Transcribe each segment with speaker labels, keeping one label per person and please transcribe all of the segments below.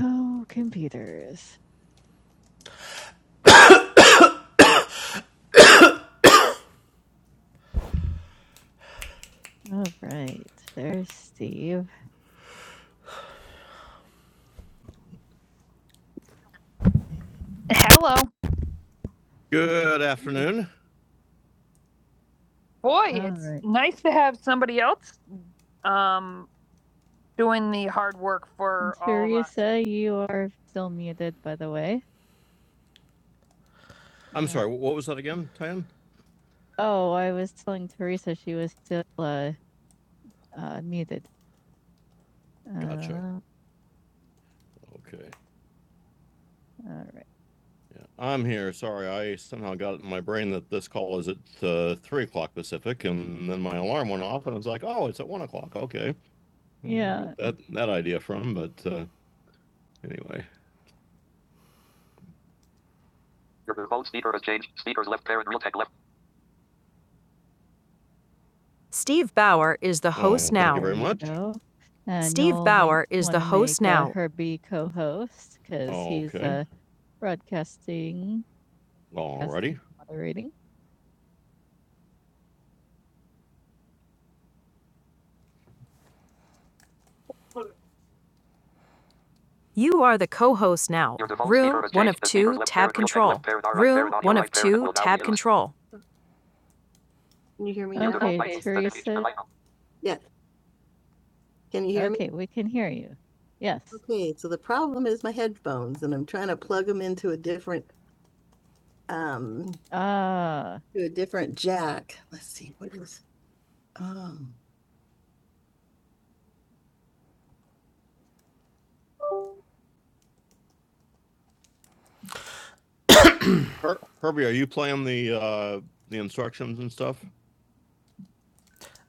Speaker 1: Oh, computers. All right. There's Steve. Hello. Good afternoon. Boy, All it's right. nice to have somebody else um, doing the hard work for all of us. Teresa, you are still muted, by the way. I'm uh, sorry. What was that again, Tan? Oh, I was telling Teresa she was still uh, uh, muted. Gotcha. Uh, Okay. all right. Yeah, I'm here. Sorry, I somehow got it in my brain that this call is at uh, three o'clock Pacific, and then my alarm went off, and I was like, "Oh, it's at one o'clock." Okay, Yeah. that that idea from, but uh, anyway. Your default speaker has changed. Speakers left parent real tech left. Steve Bauer is the host Oh, host thank you very much. No. And Steve you Bauer is the wanna host make, uh, now. Her be co-host because Oh, okay. he's okay. uh, broadcasting, Alrighty. moderating. You are the co host now. Room 1 of 2, tab control. right Room 1 of right 2, tab control. Can you hear me now? Okay, mic Teresa. Yeah. Can you hear me? Okay, we can hear you. Yes. Okay, so the problem is my headphones and I'm trying to plug them into a different, um, Ah, to a different jack. Let's see, what is, um, Her- Herbie, are you playing the uh the instructions and stuff?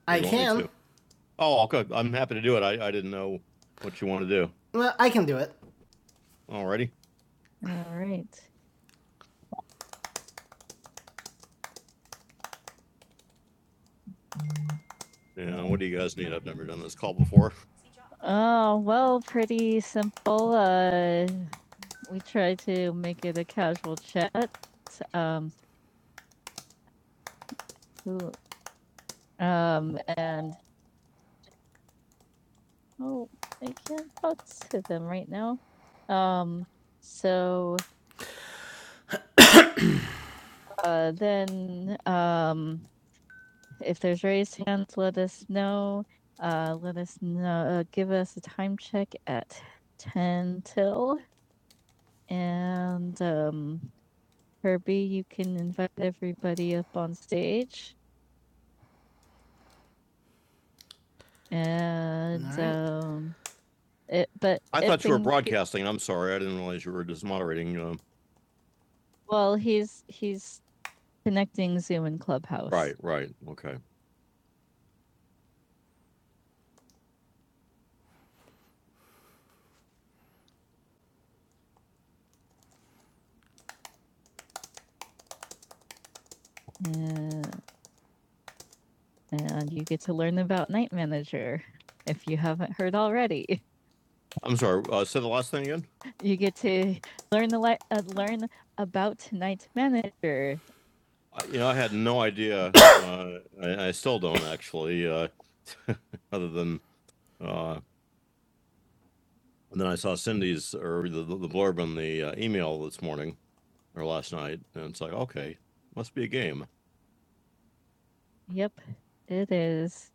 Speaker 1: I can. Oh, good. I'm happy to do it. I, I didn't know what you want to do. Well, I can do it. Alrighty. All right. Yeah, what do you guys need? I've never done this call before. Oh, well, pretty simple. Uh, we try to make it a casual chat. Um, who- um, and oh, I can't talk to them right now. Um, so uh, then, um, if there's raised hands, let us know. Uh, let us know. Uh, give us a time check at ten till. And um, Herbie, you can invite everybody up on stage. All And right. um, it, but I if thought you were thing- broadcasting. I'm sorry. I didn't realize you were just moderating. Um, Well, he's he's connecting Zoom and Clubhouse. right, right. Okay. Uh, and you get to learn about Night Manager if you haven't heard already. I'm sorry. Uh, say the last thing again. You get to learn the li- uh, learn about Night Manager, You know, I had no idea. Uh, I, I still don't actually. Uh, other than uh, and then I saw Cindy's or the, the blurb in the uh, email this morning or last night, and it's like, okay, must be a game. Yep, it is.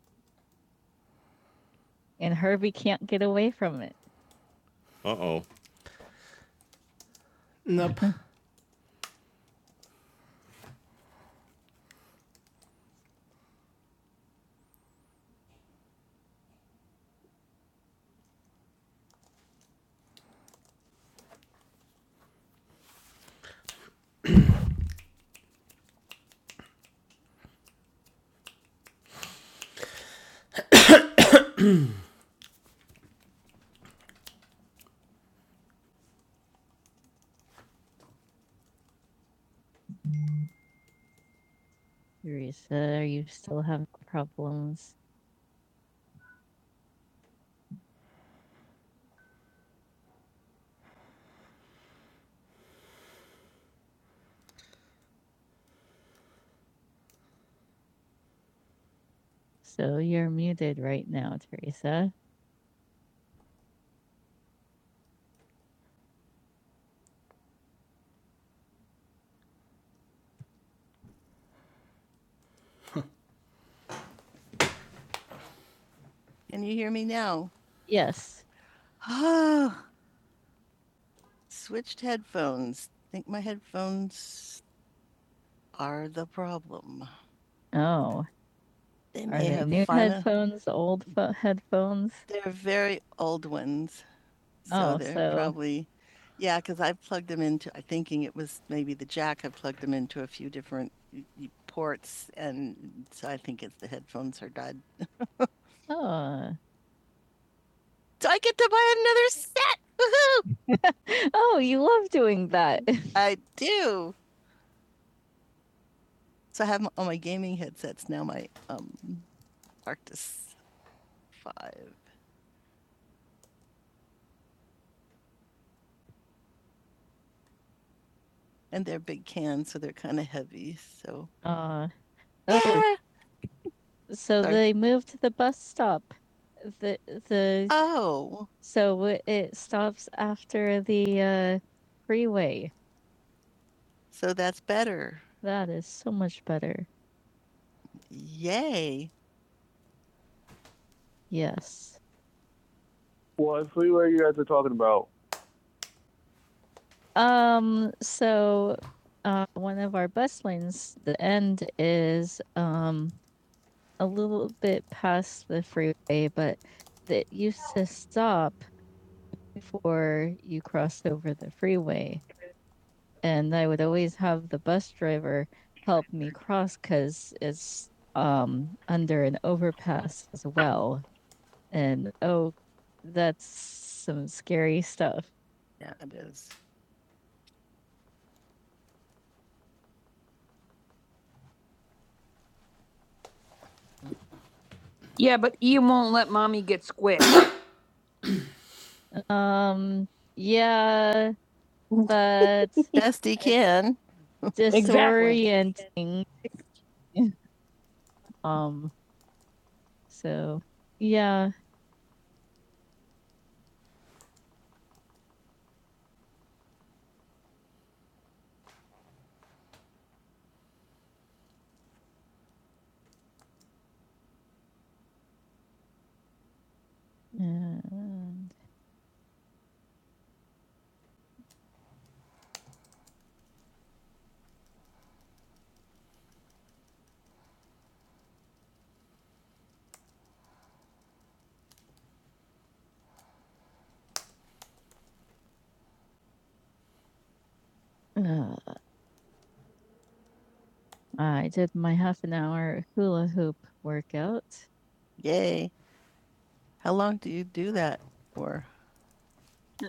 Speaker 1: And Harvey can't get away from it. Uh oh. Teresa, you still have problems. So you're muted right now, Teresa. Can you hear me now? Yes. Oh, Switched headphones. I Think my headphones are the problem. Oh, They may are they have new fina- headphones, old pho- headphones? They're very old ones, so Oh, they're so- probably yeah. Because I plugged them into. I thinking it was maybe the jack. I plugged them into a few different ports, and so I think it's the headphones are dead. Oh, So I get to buy another set. Woohoo! oh, you love doing that. I do. So I have m- on my gaming headsets now my um, Arctis 5, and they're big cans, so they're kind of heavy. So Uh, oh, yeah. so Sorry. they moved the bus stop. The the oh, so it- stops after the uh, freeway. so that's better. That is so much better. Yay! Yes. Well, the freeway you guys are talking about? Um, so uh, one of our bus lanes, the end is um a little bit past the freeway, but it used to stop before you crossed over the freeway, and I would always have the bus driver help me cross because it's um under an overpass as well, and oh, that's some scary stuff. Yeah, it is. Yeah, but Ian won't let mommy get squished. Um, yeah, but Best he can. disorienting. Exactly. Um, so yeah, and, uh, I did my half an hour hula hoop workout. Yay. How long do you do that for?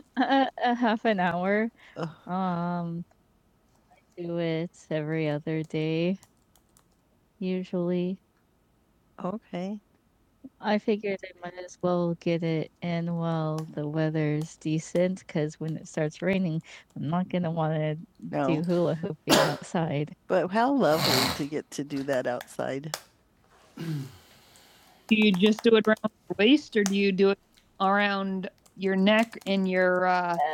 Speaker 1: A, a half an hour. Ugh. Um, do it every other day usually. Okay. I figured I might as well get it in while the weather's decent because when it starts raining, I'm not going to want to do No. hula hooping outside. But how lovely to get to do that outside. Do you just do it around your waist or do you do it around your neck and your uh, Uh,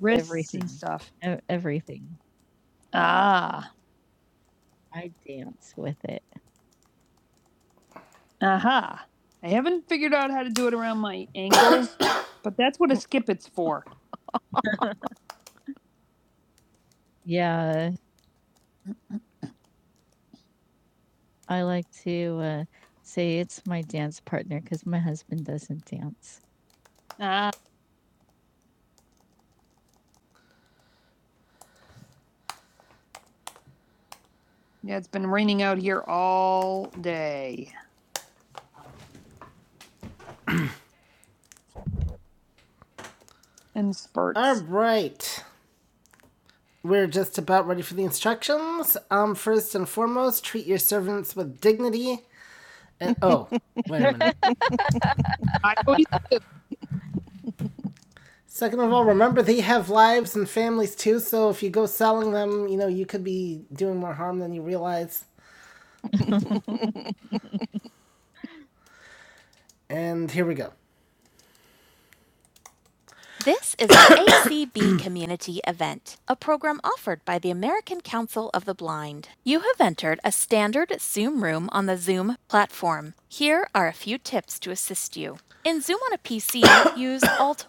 Speaker 1: wrists everything. and Everything, stuff? E- Everything. Ah, I dance with it. aha. I haven't figured out how to do it around my ankles, but that's what a skip it's for. Yeah, I like to uh, say it's my dance partner because my husband doesn't dance. Ah, Yeah, it's been raining out here all day in All spurts. right. We're just about ready for the instructions. Um, first and foremost, treat your servants with dignity. And oh, wait a minute. I always- Second of all, remember they have lives and families too. So if you go selling them, you know you could be doing more harm than you realize. And here we go. This is an ACB community event, a program offered by the American Council of the Blind. You have entered a standard Zoom room on the Zoom platform. Here are a few tips to you. In Zoom on a PC, use Alt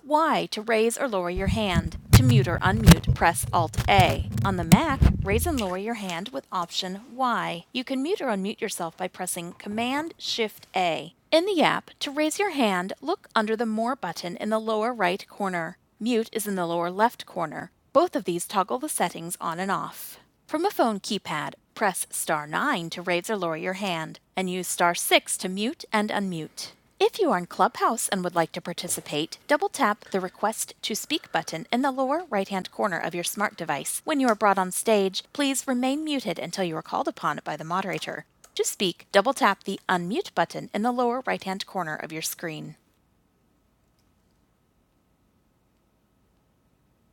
Speaker 1: raise or lower your hand. To mute or unmute, press Alt A. On the Mac, raise and lower your hand with Option Y. You can mute or unmute yourself by pressing Command Shift A. In the app, to raise your hand, look under the More button in the lower right corner. Mute is in the lower left corner. Both of these toggle the settings on and off. From a phone keypad, press star 9 to raise or lower your hand, and use star 6 to mute and unmute. If you are in Clubhouse and would like to participate, double tap the Request to Speak button in the lower right hand corner of your smart device. When you are brought on stage, please remain muted until you are called upon by the moderator. Just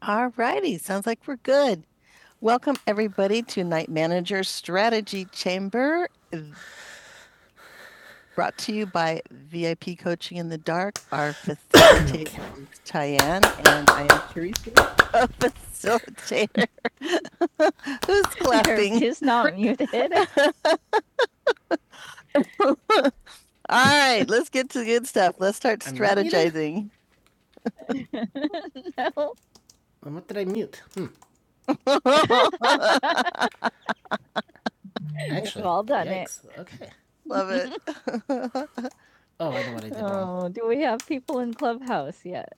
Speaker 1: All righty, sounds like we're good. Welcome everybody to Night Manager Strategy Chamber. Brought to you by VIP Coaching in the Dark. Our facilitator is Tyann, and I am Teresa, a facilitator. Who's clapping? just not muted. All right, let's get to the good stuff. Let's start I'm strategizing. no. And what did I mute? Hmm. Love Actually, all done Yikes. it. Okay. Love it. Oh, I know what I did wrong. Oh, wrong. do we have people in Clubhouse yet?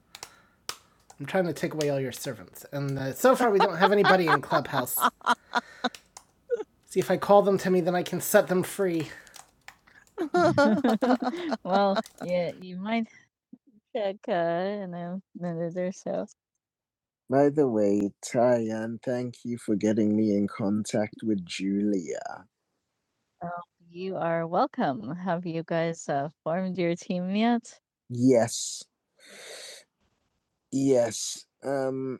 Speaker 1: I'm trying to take away all your servants, and uh, so far we don't have anybody in Clubhouse. See if I call them to me, then I can set them free. well, yeah, you might check, uh, you know, monitor, so. By the way, Tyan, thank you for getting me in contact with Julia. You are welcome. Have you guys uh, formed your team yet? Yes, yes. Um,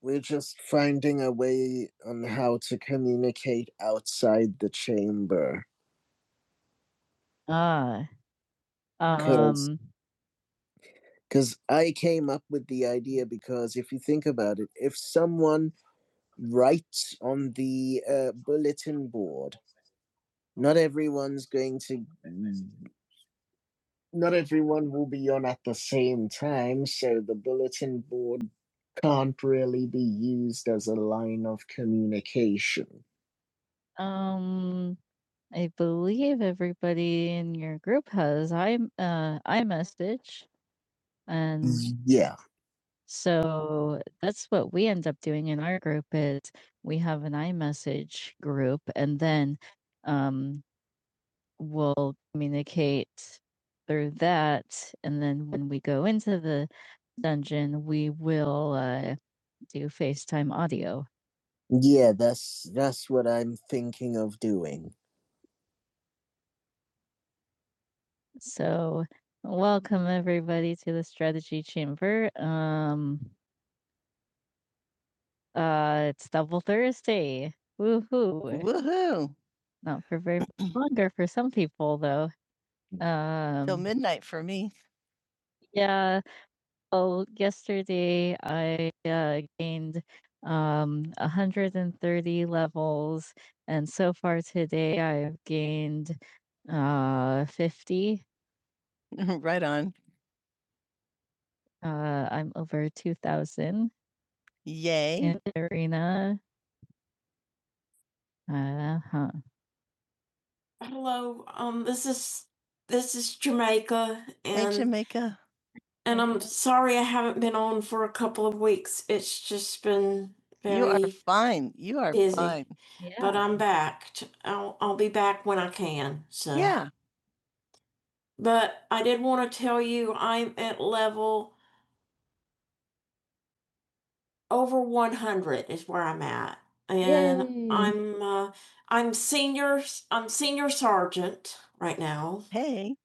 Speaker 1: we're just finding a way on how to communicate outside the chamber. Ah, um, Because I came up with the idea because if you think about it, if someone writes on the uh, bulletin board, not everyone's going to, not everyone will be on at the same time. So the bulletin board can't really be used as a line of communication. Um, I believe everybody in your group has i uh iMessage and yeah. So that's what we end up doing in our group is we have an iMessage group and then um, we'll communicate through that. And then when we go into the dungeon, we will uh, do FaceTime audio. Yeah, that's that's what I'm thinking of doing. So welcome everybody to the strategy chamber. Um, Uh, it's Double Thursday. Woohoo. Woohoo. Not for very much longer for some people though. Till Um midnight for me. Yeah. Well, yesterday I uh, gained um 130 levels, and so far today I've gained uh 50. right on. Uh, I'm over 2,000 Yay. in the arena. Uh-huh. Hey, And Jamaica. You are very fine. You are busy. fine. but Yeah. I'm so Yeah. and I'm Yay. Hey,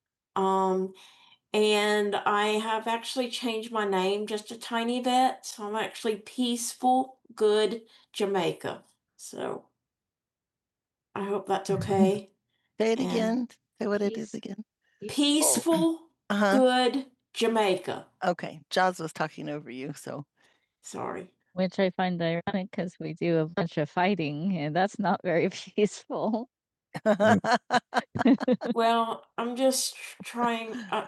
Speaker 1: okay. say it Yeah. again. Say what it is Peace. again. peaceful. peaceful. Uh huh. Good. Okay. Jaws was talking over you. So, Which I find ironic because we do a bunch of fighting and that's not very peaceful. Mm. it's Trying, I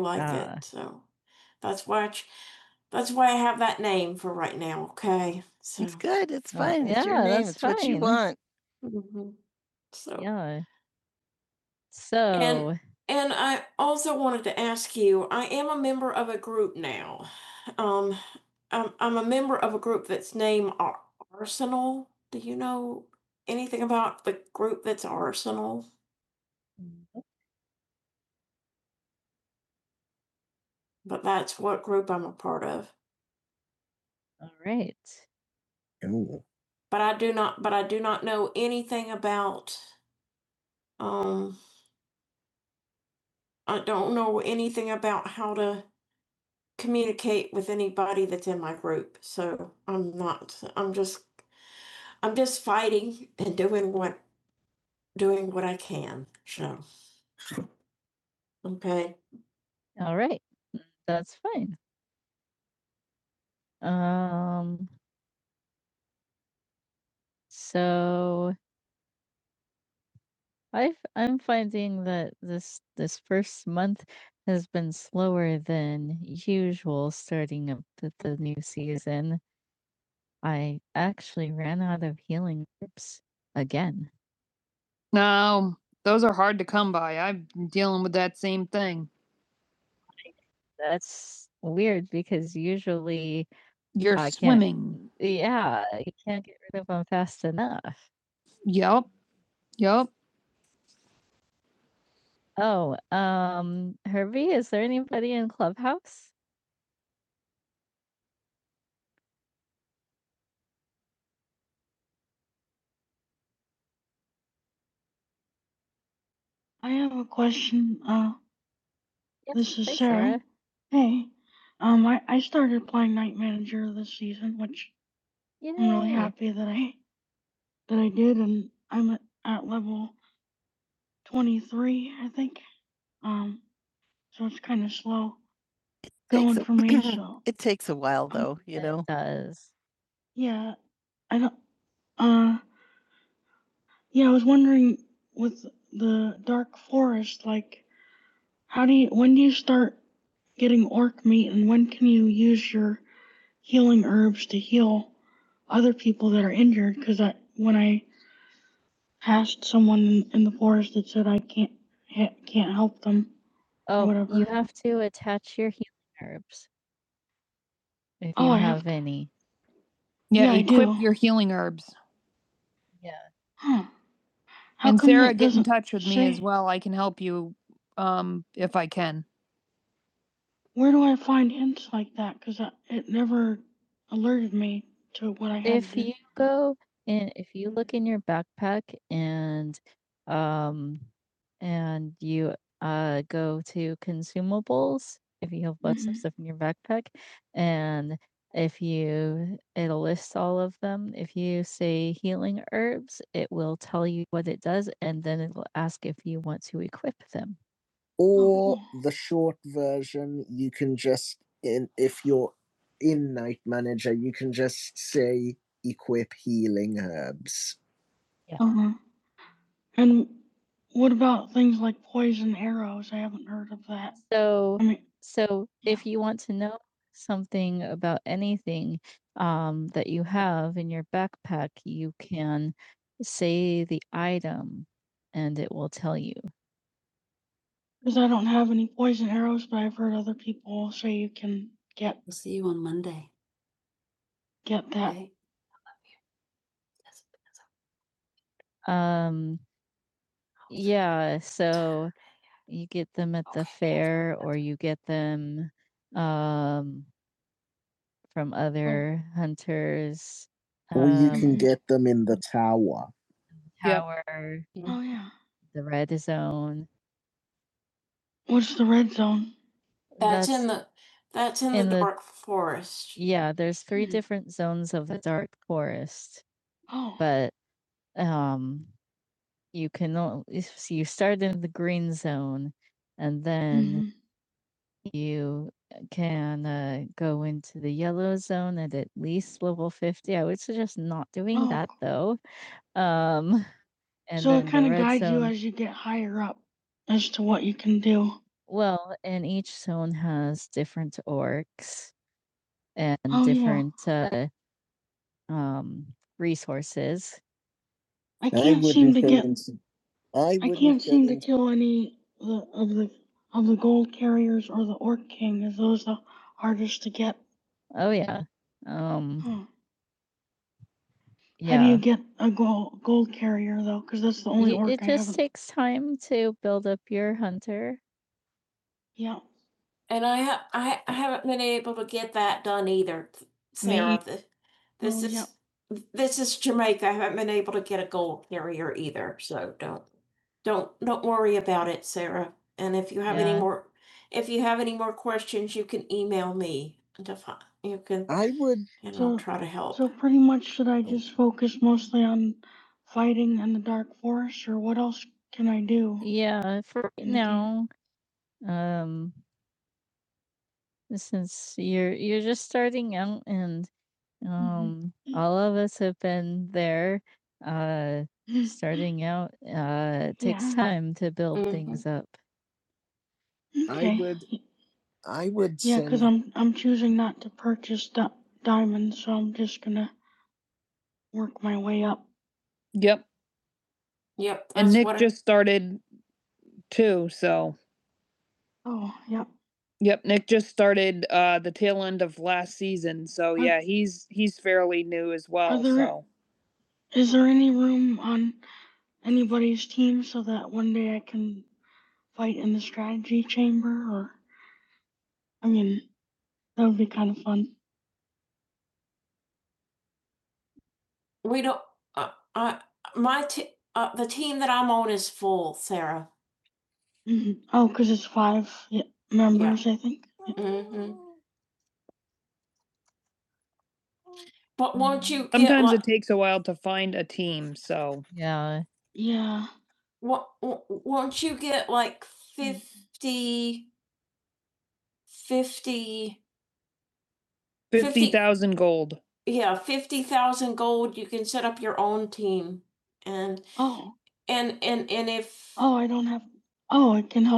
Speaker 1: like Ah. it. So, it's good. It's Well, fine. It's your yeah, name. that's It's what you fine. want. so, Yeah. and So, all right. Ooh. um, All right. That's fine. Um, so I've I'm finding that this this first month has been slower than usual starting up the, the new season. I actually ran out of healing herbs again. No, those are hard to come by. I'm dealing with that same thing. That's weird because usually You're I can't swimming. yeah, you can't get rid of them fast enough. Yep. Yep. Oh, um, Herbie, is there anybody in Clubhouse? Yep. This is Hey, Sarah. Sarah. I'm really Yay. happy. i kind of slow Takes going a- for me. So It takes a while Um, though, you It know. does. yeah, I don't. Yeah, I was with the howdy people. Oh, whatever. you have to attach your healing herbs if you Oh, I have have any. Yeah, Yeah, I equip do. your healing herbs. Yeah. How and come Sarah, that get in doesn't touch with me say- as well. I can help you um if I can. I have If no you go and if you look in your backpack and um and you uh go to consumables, if you have lots of Mhm. stuff in your backpack, and if you it'll list all of them. If you say healing herbs, it will tell you what it does, and then it'll ask if you want to equip them or oh, yeah. the short version you can just in if you're in night manager you can just say equip healing herbs Yeah. Uh-huh. And what about things like poison arrows? I haven't heard of that. So I mean, so Yeah. if you want to know something about anything um, that you have in your backpack, you can say the item and it will tell you. many other people say you can that Um, yeah, so you get them at the Okay, fair or you get them um from Mm. other hunters. Or you Um can Mhm. get them in the tower. Yep. tower, Oh, yeah. the red zone. That's That's in the that's in the in the dark. yeah, there's three Mhm. different zones of the dark forest, Oh. but um you can only you start in the green zone and then you uh, can uh, go into the yellow zone at at least level 50. I would suggest not doing Oh, that though. Um, and so it then the kind of red guides you zone, as you. well, and each zone has different orcs and Oh yeah, different uh, um, resources. I I can't wouldn't seem wouldn't to have get. taken. I I wouldn't can't have seem to taken. kill others or the horse to get. Oh, yeah. Um, How do you Yeah. get a gold gold carrier though? Because that's the only You, orc it I just haven't. takes time to build up your hunter. Yeah, And I ha- I I haven't been able to get that done either, me. Sarah. Th- This Oh yeah. is this is Jamaica. I haven't been able to get a gold carrier either. So don't don't don't worry about it, Sarah. And if you have any Yeah. more if you have any more questions, you can email me to find, you can I would and I'll So try to help. so pretty much should I just focus mostly on fighting in the dark forest, or what else should I do? Yeah, for right mm now, um, since you're you're just starting out and Mhm. um all of us have been there, uh Mm-hmm. starting out uh it takes yeah. time to build hmm things up. I Okay. would I would Yeah, because send I'm I'm choosing not to purchase di- diamonds, so I'm just gonna work my way up. Yep. Yep, And that's Nick what I- just started too, so. Yep, Nick just started uh the tail end of last season, so Huh. yeah, he's he's fairly new as are well. there- So Is there any room on anybody's team so that one day I can fight in the strategy chamber? Or I mean, that would be kind of fun. We don't. Uh, uh, i yeah. gonna Won't you? get sometimes li- it takes a while to find a team. So Yeah. w- won't you? Fif- fifty fifty? thousand gold. Oh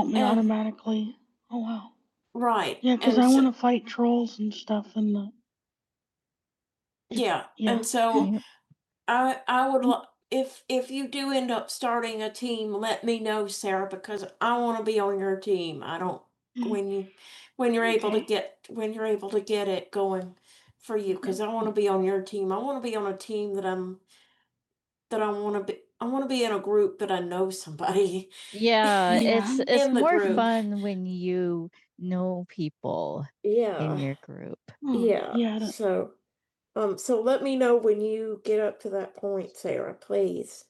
Speaker 1: yeah, And- yeah, because and- I yeah. And so Yeah. we when you're able to get it going for you because I want to be on your team. I want to be on a team that I'm that I want to be. I want to be in a group that I know somebody. Yeah, it's Yeah. it's In more group. fun when you know people Yeah, in Yeah. your group. Mm, Yeah. Yeah, I So um so let me know when you get up to that point, Sarah, please.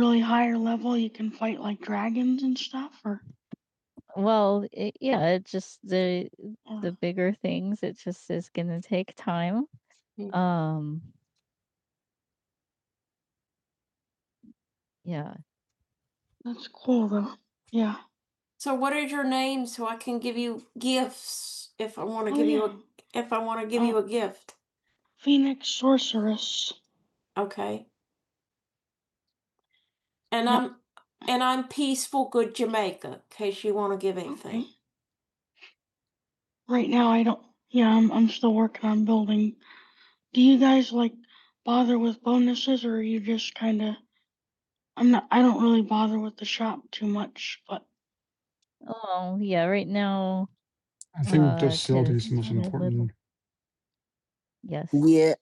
Speaker 1: really higher level, you can fight like dragons. or Well, it, yeah, it just the or- the bigger things. It just is going to take time. Um, yeah. So I can want Oh, to oh, give yeah. you yeah. a give oh. you a okay. And I'm and I'm peaceful good Jamaica. In case you want to give anything. Okay. Right now, I don't. I'm still working on building. Guys, like with bonuses, or you, I'm not. I don't know with the shop too much, but Oh, yeah, right now,
Speaker 2: I think
Speaker 1: uh,
Speaker 2: docility
Speaker 1: cause
Speaker 2: is the
Speaker 1: Yes, I
Speaker 2: most
Speaker 1: had little,
Speaker 2: important.
Speaker 1: yes. Yeah,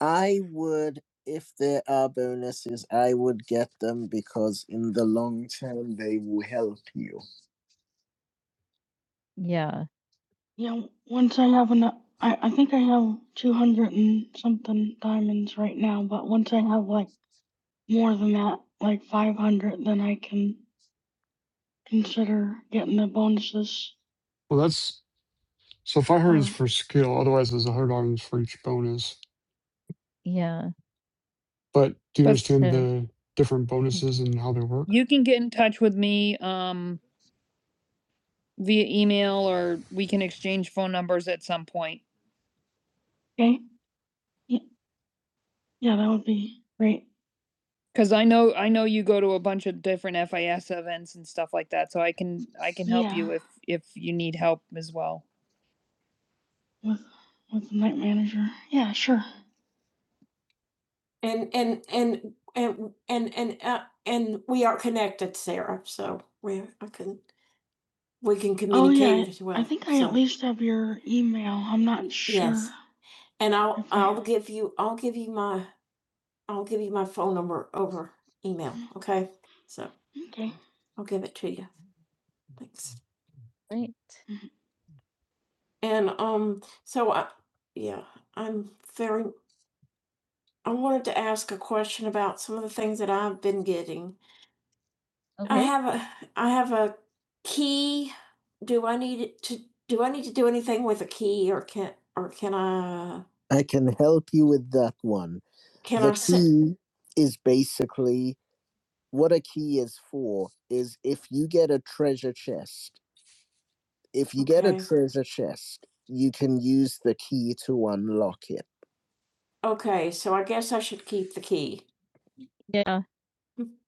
Speaker 1: I would if there are bonuses, I would get them because in the long term they will help you. Yeah. Yeah, once I have enough, I, I think I have 200 and something diamonds right now, but once I have like more than that, like 500, then I can consider getting the bonuses.
Speaker 2: Well, that's so. five hundred is for skill, otherwise there's a hundred items for each bonus.
Speaker 1: Yeah.
Speaker 2: But do you
Speaker 1: But
Speaker 2: understand
Speaker 1: So,
Speaker 2: the different bonuses and how they work?
Speaker 1: you can get in touch with me um via email or we can exchange phone numbers at some point because i know i know you go to a bunch of different fis events and stuff like that so i can i can help Yeah. you if if you need help as well And, and, and and we are Oh, communicated yeah. communicated as I well. think I at So least yes, sure. I'll If uh, I'll give you my email. I'll give it to you. Thanks. Great. And um, so I, yeah, I'm very. I wanted to ask a question about some of the things that I've been getting. I Okay. have I have a. Do I need to do I need to do anything or can uh, I can help you with that one. can the I sit? key is basically what a key is for is if you get a treasure chest If you okay. get a Okay. treasure chest, you can use the key to unlock it. Yeah,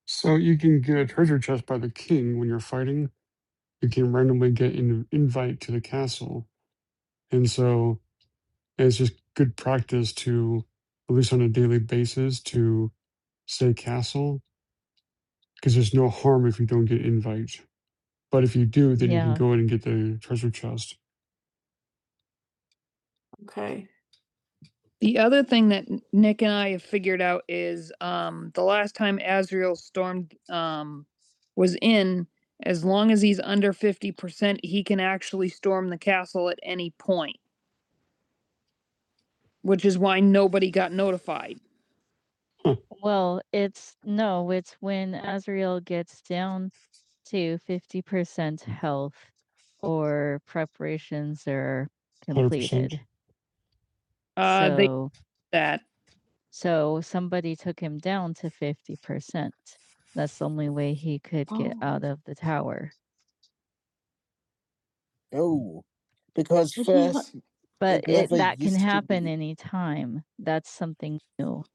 Speaker 2: So you can get a treasure chest by the king when you're fighting. You can randomly get an invite to the castle, and so it's just good practice to, at least on a daily basis, to say castle because there's no harm if you don't get invites. But if you do, then you can
Speaker 1: yeah.
Speaker 2: go in and get the treasure chest.
Speaker 1: Okay. The other thing that Nick and I have figured out is um, the last time Azrael stormed um, was in, as long as he's under 50%, he can actually storm the castle at any point, which is why nobody got notified.
Speaker 2: Huh,
Speaker 1: Well, it's no, it's when Azrael gets down to 50% health or preparations are
Speaker 2: 100%.
Speaker 1: completed. Uh, they So that so somebody took him down to 50%. That's the only way he could get Oh. out of the tower. Oh, because But he wa first it But it never that can used to happen be. anytime. That's something new.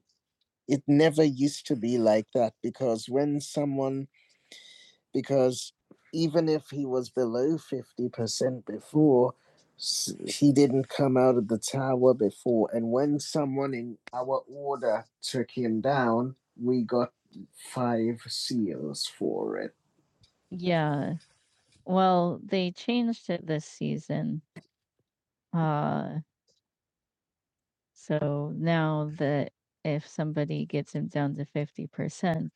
Speaker 1: It never used to be like that because when someone because even if he was below 50% before, he didn't come out of the tower before. And when someone in our order took him down, we got five seals for it. Yeah. Well, they changed it this season. Uh So now that if somebody gets him down to 50%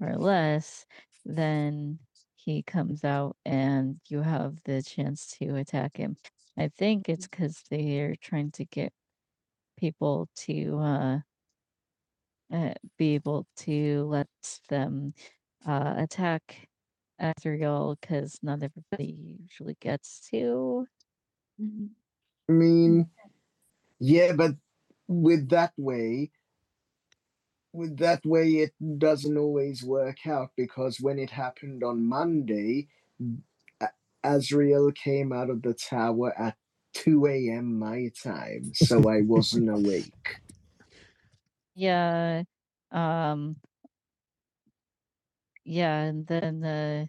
Speaker 1: or less, then he comes out and you have the chance to attack him. I think it's because they're trying to get people to uh, uh, be able to let them uh, attack Azrael because not everybody usually gets to. Mhm. I mean, yeah, but with that way, with that way it doesn't always work out because when it happened on Monday, A- Azrael came out of the tower at 2 a.m. my time, so I wasn't awake. Yeah. Um, yeah, and then uh,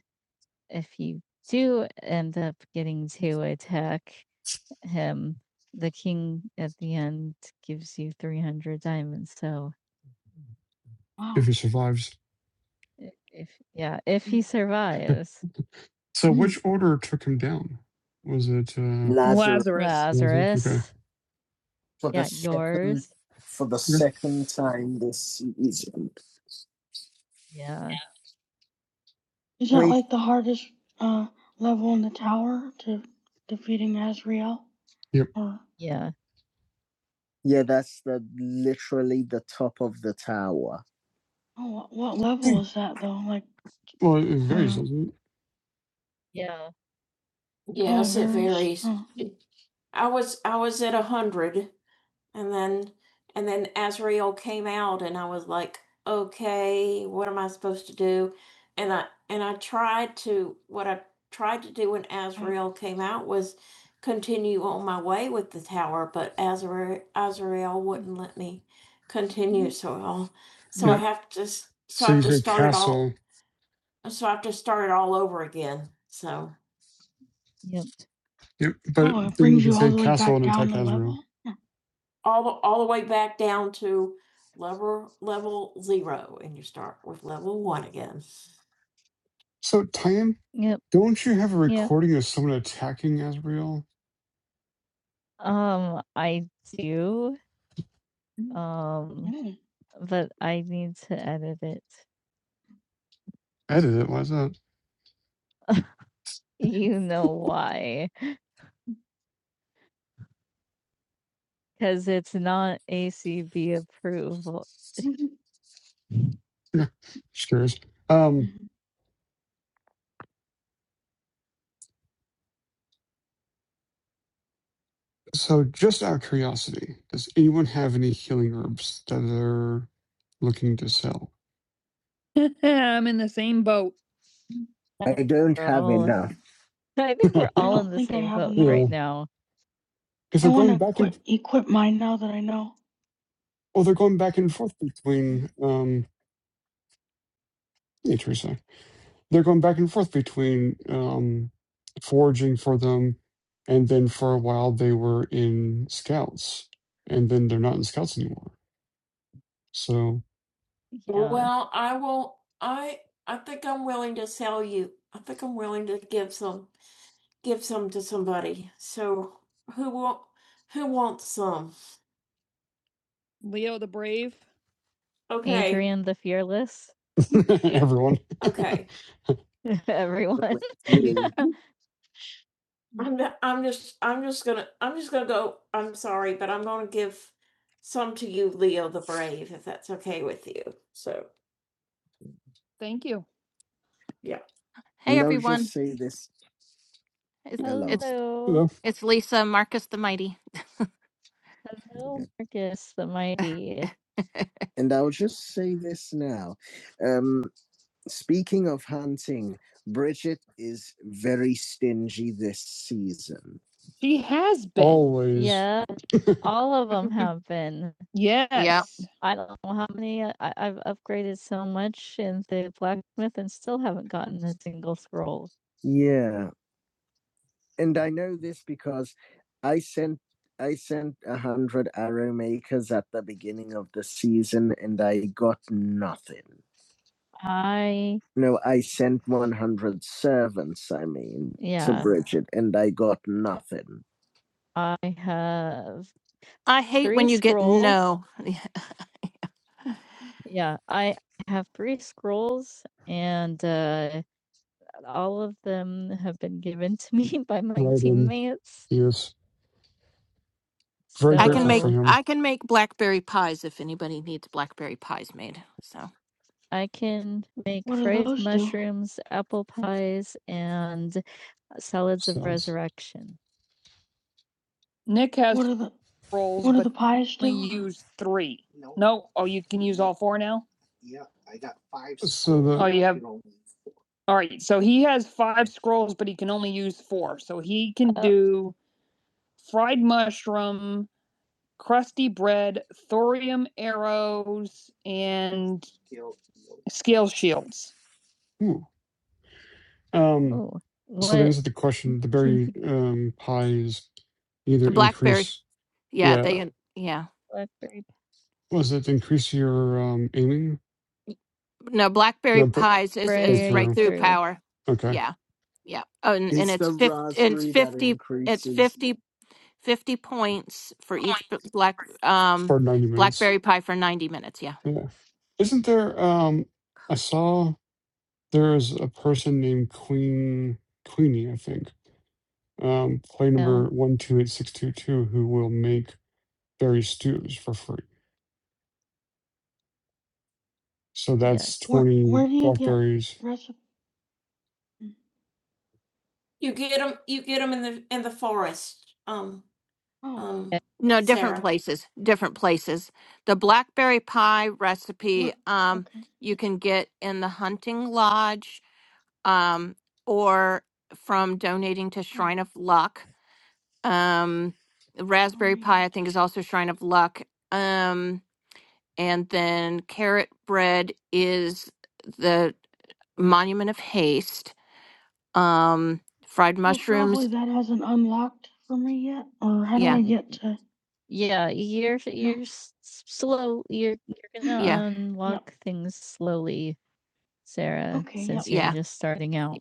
Speaker 1: if you do end up getting to attack him, the king at the end gives you 300 diamonds. So
Speaker 2: if he survives.
Speaker 1: if yeah, if he survives.
Speaker 2: So, which order took him down? Was it uh,
Speaker 1: Lazarus Lazarus.
Speaker 2: Okay. Okay.
Speaker 1: Lazarus. for yeah, the Yeah, second- yours. for the
Speaker 2: Yeah.
Speaker 1: second time this season. Yeah. Is Wait. like
Speaker 2: Yep.
Speaker 1: Yeah. Yeah, that's the literally the top of the tower.
Speaker 2: Hey. Well, it varies, doesn't it?
Speaker 1: Yeah. Yes, it varies. Oh. I was I was at a and then and then Azrael came out and I was like and I tried to what an Azrael came out was ten years. So
Speaker 2: Yeah.
Speaker 1: nope. I
Speaker 2: So you say castle.
Speaker 1: No. had Yep.
Speaker 2: Yep. But then you can say castle and attack Azrael.
Speaker 1: all the all the way back down to level with level one again.
Speaker 2: So, Tyan,
Speaker 1: Yep.
Speaker 2: don't you have a
Speaker 1: Yeah.
Speaker 2: recording of someone attacking Azrael?
Speaker 1: Um, I do Um, Mm. but I need to edit it.
Speaker 2: Edit it. Why is that?
Speaker 1: You know why? Because it's not ACB approval. Mhm.
Speaker 2: Yeah. Just curious. Um.
Speaker 1: Mhm.
Speaker 2: So, just out of curiosity, does anyone have any healing herbs that they're looking to sell?
Speaker 1: I'm in the same boat. I don't have Oh, enough. I think we're
Speaker 2: yeah.
Speaker 1: I all in don't the think I same have boat enough. right
Speaker 2: Because
Speaker 1: now.
Speaker 2: they're going back and Well, they're going back and forth between um, hey, Teresa. They're going back and forth between um, foraging for them, and then for a while they were in scouts, and then they're not in scouts anymore. So
Speaker 1: Yeah. Well, Leo the Brave. okay. Adrian the Fearless.
Speaker 2: everyone,
Speaker 1: Everyone. meeting. Thank you.
Speaker 3: Hey
Speaker 1: Now
Speaker 3: everyone,
Speaker 1: just say this,
Speaker 3: it's
Speaker 1: hello.
Speaker 3: it's
Speaker 2: you
Speaker 1: Hello.
Speaker 2: know,
Speaker 3: it's Lisa Marcus the Mighty.
Speaker 1: Hello, Yeah. Marcus the Mighty. and I'll just say this now. Um, Speaking of hunting, Bridget is very stingy this season. She has been.
Speaker 2: always
Speaker 1: Yeah, all of them
Speaker 3: Mhm.
Speaker 1: have been.
Speaker 3: yeah,
Speaker 1: Yes. I don't know how many I, I've upgraded so much in the blacksmith and still haven't gotten a single scroll. Yeah, and I know this because I sent I sent a hundred arrow makers at the beginning of the season, and I got nothing. I No, I sent 100 servants, I mean, to Yeah. Bridget, and I got nothing. I have
Speaker 3: I hate
Speaker 1: three
Speaker 3: when you get
Speaker 1: scrolls.
Speaker 3: no.
Speaker 1: Yeah, I have three scrolls, and uh, all of them have been given to me by my
Speaker 2: right in.
Speaker 1: teammates.
Speaker 2: He is very
Speaker 3: I can
Speaker 2: grateful
Speaker 3: make
Speaker 2: for
Speaker 1: So
Speaker 2: him.
Speaker 3: I can make blackberry pies if anybody needs blackberry pies made. So
Speaker 1: I can make What do fried those do? mushrooms, apple pies, and uh, salads of
Speaker 2: So,
Speaker 1: resurrection. Nick has What rolls, What are the but pies do? we use three. No. No, oh, you can use all four now? Yeah, I got five
Speaker 2: so
Speaker 1: scrolls. Oh,
Speaker 2: the
Speaker 1: you have- All right, so he has five scrolls, but he can only use four. So he can Uh. do fried mushroom, crusty bread, thorium arrows, and Skill, scale shields.
Speaker 2: ooh, um,
Speaker 1: Oh,
Speaker 2: so to
Speaker 1: what
Speaker 2: answer the question, the
Speaker 1: can
Speaker 2: berry
Speaker 1: he do?
Speaker 2: um, pies either
Speaker 3: the blackberry,
Speaker 2: increase,
Speaker 3: yeah,
Speaker 2: yeah,
Speaker 3: they uh, yeah
Speaker 1: blackberry
Speaker 2: was it increase your um, aiming
Speaker 3: no blackberry
Speaker 2: No, br-
Speaker 3: pies is is
Speaker 2: breakthrough.
Speaker 3: breakthrough
Speaker 1: breakthrough?
Speaker 3: power.
Speaker 2: Okay.
Speaker 3: Yeah, yeah, oh, and and
Speaker 1: It's
Speaker 3: it's
Speaker 1: the
Speaker 3: fifty it's
Speaker 1: raspberry that
Speaker 3: fifty it's
Speaker 1: increases.
Speaker 3: 50, 50 points for each b- black um
Speaker 2: For 90 minutes.
Speaker 3: blackberry pie for ninety minutes. Yeah.
Speaker 2: Yeah. Isn't there um I saw there is a person named Queen Queenie, I think. Um play
Speaker 1: Yeah, Uh,
Speaker 2: number one two eight six two two who will make berry stews for free. So that's
Speaker 1: yes. Where,
Speaker 2: twenty blackberries.
Speaker 1: You get them, you, um,
Speaker 3: No, different places, different places. The blackberry pie recipe um you can get in the hunting lodge um or from donating to Shrine of Luck. Um raspberry pie I think is also Shrine of Luck. Um and then carrot bread is the Monument of Haste. Um fried
Speaker 1: So
Speaker 3: mushrooms,
Speaker 1: probably that hasn't unlocked for me yet, or how do
Speaker 3: yeah.
Speaker 1: I get to? Yeah, you're you're s- s- slow. You're you're
Speaker 3: Yeah.
Speaker 1: gonna unlock no. things slowly, Sarah, Okay, yep. since yep.
Speaker 3: Yeah.
Speaker 1: you're just starting out.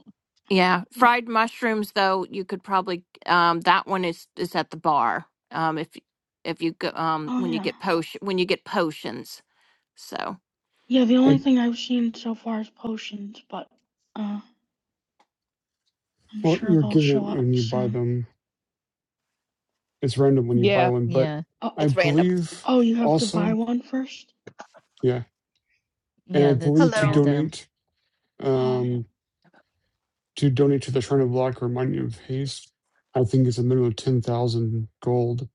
Speaker 3: Yeah,
Speaker 1: Yep.
Speaker 3: fried mushrooms though you could probably um that one is is at the bar. Um if if you go um
Speaker 1: Oh
Speaker 3: when you
Speaker 1: yeah.
Speaker 3: get potion when you get potions. So,
Speaker 1: Yeah. The only
Speaker 2: I
Speaker 1: thing I've seen so far is potions.
Speaker 2: well you're given it when you buy them. It's random when you buy
Speaker 1: Yeah.
Speaker 2: one, but
Speaker 1: Yeah,
Speaker 2: I
Speaker 3: It's random.
Speaker 2: believe also yeah. And I
Speaker 1: yeah, that's
Speaker 2: believe to
Speaker 4: Hello.
Speaker 1: random.
Speaker 2: donate. Um. to donate to the Shrine of Black remind me of haste. I think it's a minimum of ten thousand gold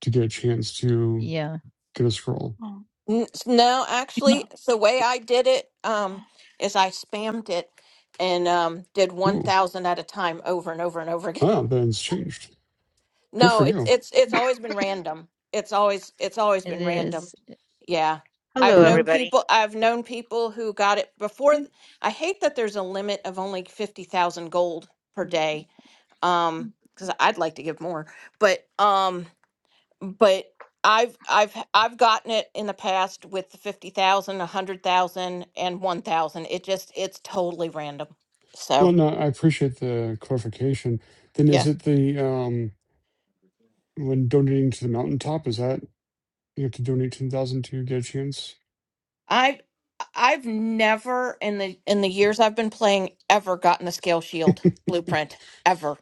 Speaker 2: to get a chance to
Speaker 1: Yeah,
Speaker 2: get a scroll.
Speaker 1: Oh,
Speaker 3: N- No,
Speaker 1: It's
Speaker 3: actually, the way I did it um, is I spammed it and um, did one
Speaker 2: Ooh,
Speaker 3: thousand at a time over and over and over again.
Speaker 2: ah, then it's changed. Good
Speaker 3: No,
Speaker 2: for
Speaker 3: it's
Speaker 2: you.
Speaker 3: it's it's always been random. It's always it's always
Speaker 1: it
Speaker 3: been random.
Speaker 1: is.
Speaker 3: Yeah. I've
Speaker 4: Hello,
Speaker 1: Yeah.
Speaker 2: Okay.
Speaker 3: known
Speaker 4: everybody.
Speaker 3: people I've known people who got it before th- I hate that there's a limit of only 50,000 gold per day. Um cuz I'd like to give more. But um but I've I've h- I've gotten it in the past with the 50,000, a hundred thousand, and one thousand. It just it's totally random.
Speaker 2: Well,
Speaker 3: So,
Speaker 2: no, I appreciate the clarification. Then is
Speaker 3: yeah.
Speaker 2: it the um when donating to the mountaintop? Is that you have to donate ten thousand to get a chance?
Speaker 3: I I've never in the in the years I've been playing ever gotten the scale shield blueprint ever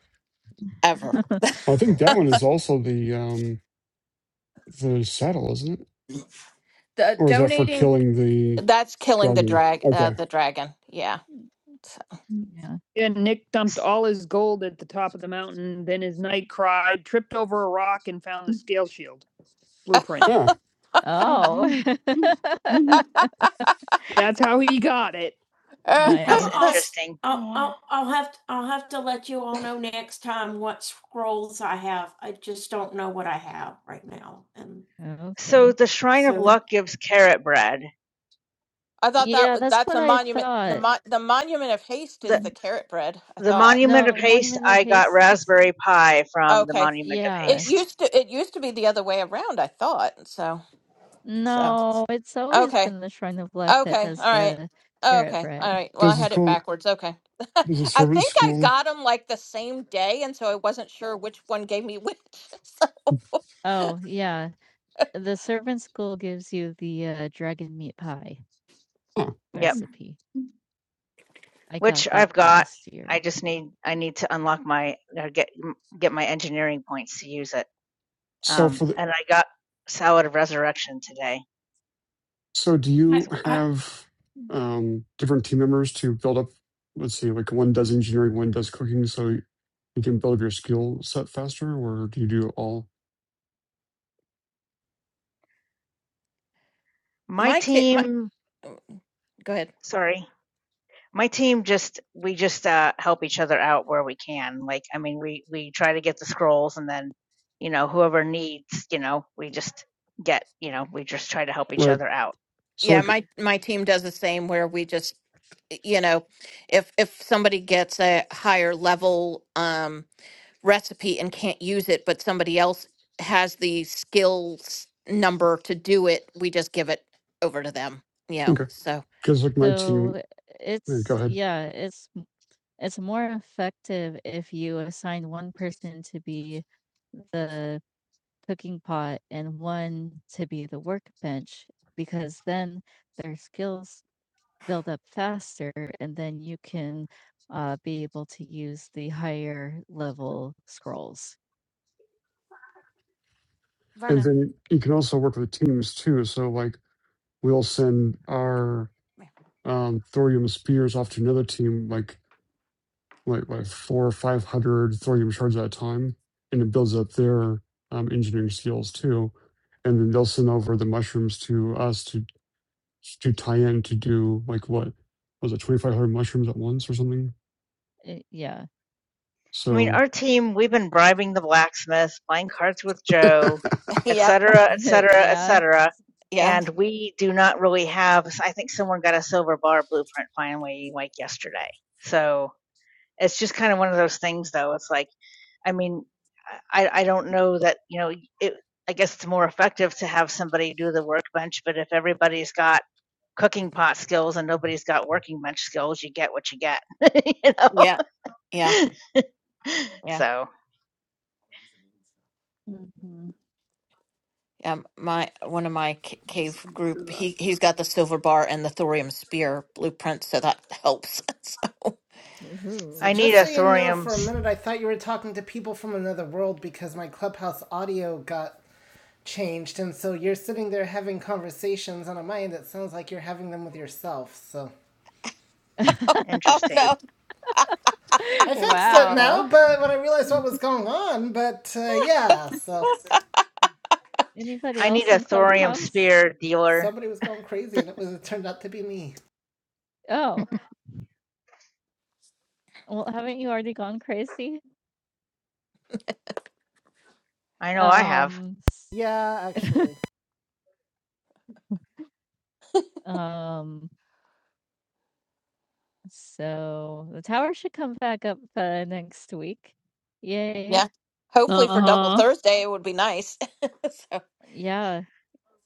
Speaker 3: ever.
Speaker 2: Well, I think that one is also the um the saddle, isn't it?
Speaker 3: The
Speaker 2: Or is that for
Speaker 3: donating
Speaker 2: killing the
Speaker 3: That's killing the
Speaker 2: dragon?
Speaker 3: drag uh,
Speaker 2: Okay.
Speaker 3: the dragon. Yeah.
Speaker 1: Mm, Yeah. And Nick dumped all his gold at the top of the mountain. Then his knight cried, tripped over a rock, and found the scale shield blueprint.
Speaker 2: Ah,
Speaker 1: Oh. That's how he got it. I'll,
Speaker 3: I
Speaker 1: nice.
Speaker 4: That's
Speaker 1: I'll,
Speaker 4: interesting.
Speaker 1: I'll, I'll, I'll have to, I'll have to let you all know.
Speaker 4: So
Speaker 1: Okay.
Speaker 4: the Shrine of
Speaker 1: so
Speaker 4: Luck gives carrot bread.
Speaker 3: thought that
Speaker 1: Yeah,
Speaker 3: was
Speaker 1: that's
Speaker 3: that's
Speaker 1: what
Speaker 3: a
Speaker 1: I
Speaker 3: monument. The
Speaker 1: thought.
Speaker 3: mo- the monument of haste is
Speaker 4: The
Speaker 1: Like,
Speaker 3: the carrot bread. I
Speaker 4: the
Speaker 3: thought.
Speaker 4: Monument
Speaker 1: No,
Speaker 4: of
Speaker 1: the
Speaker 4: Haste,
Speaker 1: Monument of
Speaker 4: I got
Speaker 1: Haste is,
Speaker 4: raspberry pie from the
Speaker 3: Okay.
Speaker 4: Monument of
Speaker 3: It
Speaker 1: yeah.
Speaker 4: Haste.
Speaker 3: used to it used to be the other way around. I thought so. So
Speaker 1: No, it's always
Speaker 3: okay.
Speaker 1: been the Shrine of Luck that
Speaker 3: Okay. All
Speaker 1: does
Speaker 3: right.
Speaker 1: the carrot
Speaker 3: Okay. All
Speaker 1: bread.
Speaker 3: right. Well, I
Speaker 2: this is
Speaker 3: had it
Speaker 2: cool.
Speaker 3: backwards. Okay.
Speaker 2: This is
Speaker 3: I
Speaker 2: servant
Speaker 3: think I
Speaker 2: school.
Speaker 3: got them like the same day, and so I wasn't sure which one gave me which. So
Speaker 1: Oh, yeah. The servant school gives you the, uh, dragon meat pie
Speaker 2: Huh.
Speaker 1: Mhm.
Speaker 4: Yep.
Speaker 1: recipe. I
Speaker 4: Which
Speaker 1: got that
Speaker 4: I've got.
Speaker 1: last
Speaker 4: I
Speaker 1: year.
Speaker 4: just need I need to unlock my uh, get get my engineering points to use it.
Speaker 2: So
Speaker 4: Um
Speaker 2: for the
Speaker 4: and I got Salad of Resurrection today
Speaker 2: so do
Speaker 1: I
Speaker 4: as
Speaker 2: you
Speaker 4: well.
Speaker 1: I
Speaker 2: have um different team members to build up? Let's see, like one does engineering, one does cooking, so you can build up your skill set faster, or do you do it all?
Speaker 4: My
Speaker 3: my kid, my
Speaker 4: team,
Speaker 3: go ahead.
Speaker 4: sorry, my team just we just uh, help each other out where we can. Like, I mean, we we try to get the scrolls, and then you know whoever needs, you know, we just get, you know, we just try to help each
Speaker 2: Right.
Speaker 4: other out.
Speaker 2: So
Speaker 3: Yeah,
Speaker 2: like
Speaker 3: my my team does the same where we just you know, if if somebody gets a higher level um recipe and can't use it, but somebody else has the skills number to do it, we just give it over to them, you know.
Speaker 2: okay,
Speaker 3: So
Speaker 2: because like my team,
Speaker 1: So,
Speaker 2: yeah, go
Speaker 1: it's
Speaker 2: ahead,
Speaker 1: yeah, it's m it's more effective if you assign 1 person to be the cooking pot and 1 to be the workbench, because then their skills build up faster, and then you can, uh, be able to use the higher level scrolls.
Speaker 2: and
Speaker 3: Vernon.
Speaker 2: then you can also work with teams too. So like we'll send our
Speaker 3: Yeah.
Speaker 2: um, thorium spears off to another team, like like like four or five hundred thorium shards at a time, and it builds up their um, engineering skills too. And then they'll send over the mushrooms to us to to tie in to do like what was it twenty five hundred mushrooms at once or something.
Speaker 1: Eh, yeah.
Speaker 4: I mean,
Speaker 2: So
Speaker 4: our team, we've been bribing the blacksmith, playing cards with Joe, et
Speaker 3: Yep.
Speaker 4: cetera, et cetera, et
Speaker 1: Yeah.
Speaker 4: cetera.
Speaker 3: Yeah.
Speaker 4: And we do not really have, I think someone got a silver bar blueprint finally, like yesterday. So it's just kind of one of those things, though. It's like, I mean, I, I don't know that, you know, it, I guess it's more effective to have somebody do the workbench, but if everybody's got cooking pot skills and nobody's got working bench skills, you get what you get, you
Speaker 3: Yeah.
Speaker 4: know?
Speaker 3: Yeah. Yeah.
Speaker 4: so
Speaker 1: Mm-hmm.
Speaker 3: Um, my one of my c-
Speaker 1: Let's
Speaker 3: cave group, he he's got the silver bar and the thorium spear blueprint, so that helps. So,
Speaker 1: So
Speaker 4: I need
Speaker 1: just so
Speaker 4: a
Speaker 1: you know,
Speaker 4: thorium.
Speaker 1: for a
Speaker 4: s-
Speaker 1: minute I thought you were talking to people from another world because my clubhouse audio got changed, and so you're sitting there having conversations, and on my end it sounds like you're having them with yourself. So
Speaker 3: oh
Speaker 4: Interesting.
Speaker 3: no!
Speaker 1: I fixed Wow. it now, but when I realized what was going on, but uh, yeah, so Anybody
Speaker 4: I need
Speaker 1: else
Speaker 4: a
Speaker 1: in
Speaker 4: thorium
Speaker 1: Clubhouse?
Speaker 4: spear dealer.
Speaker 1: somebody was going crazy, and it was it turned out to be me. Oh, well, haven't you already gone crazy?
Speaker 4: I know I have.
Speaker 1: Um, Yeah, actually. um, So, the tower should come back up, uh, next week. Yay.
Speaker 3: Yeah. Hopefully for double
Speaker 1: Uh-huh.
Speaker 3: Thursday, it would be nice. so,
Speaker 1: Yeah,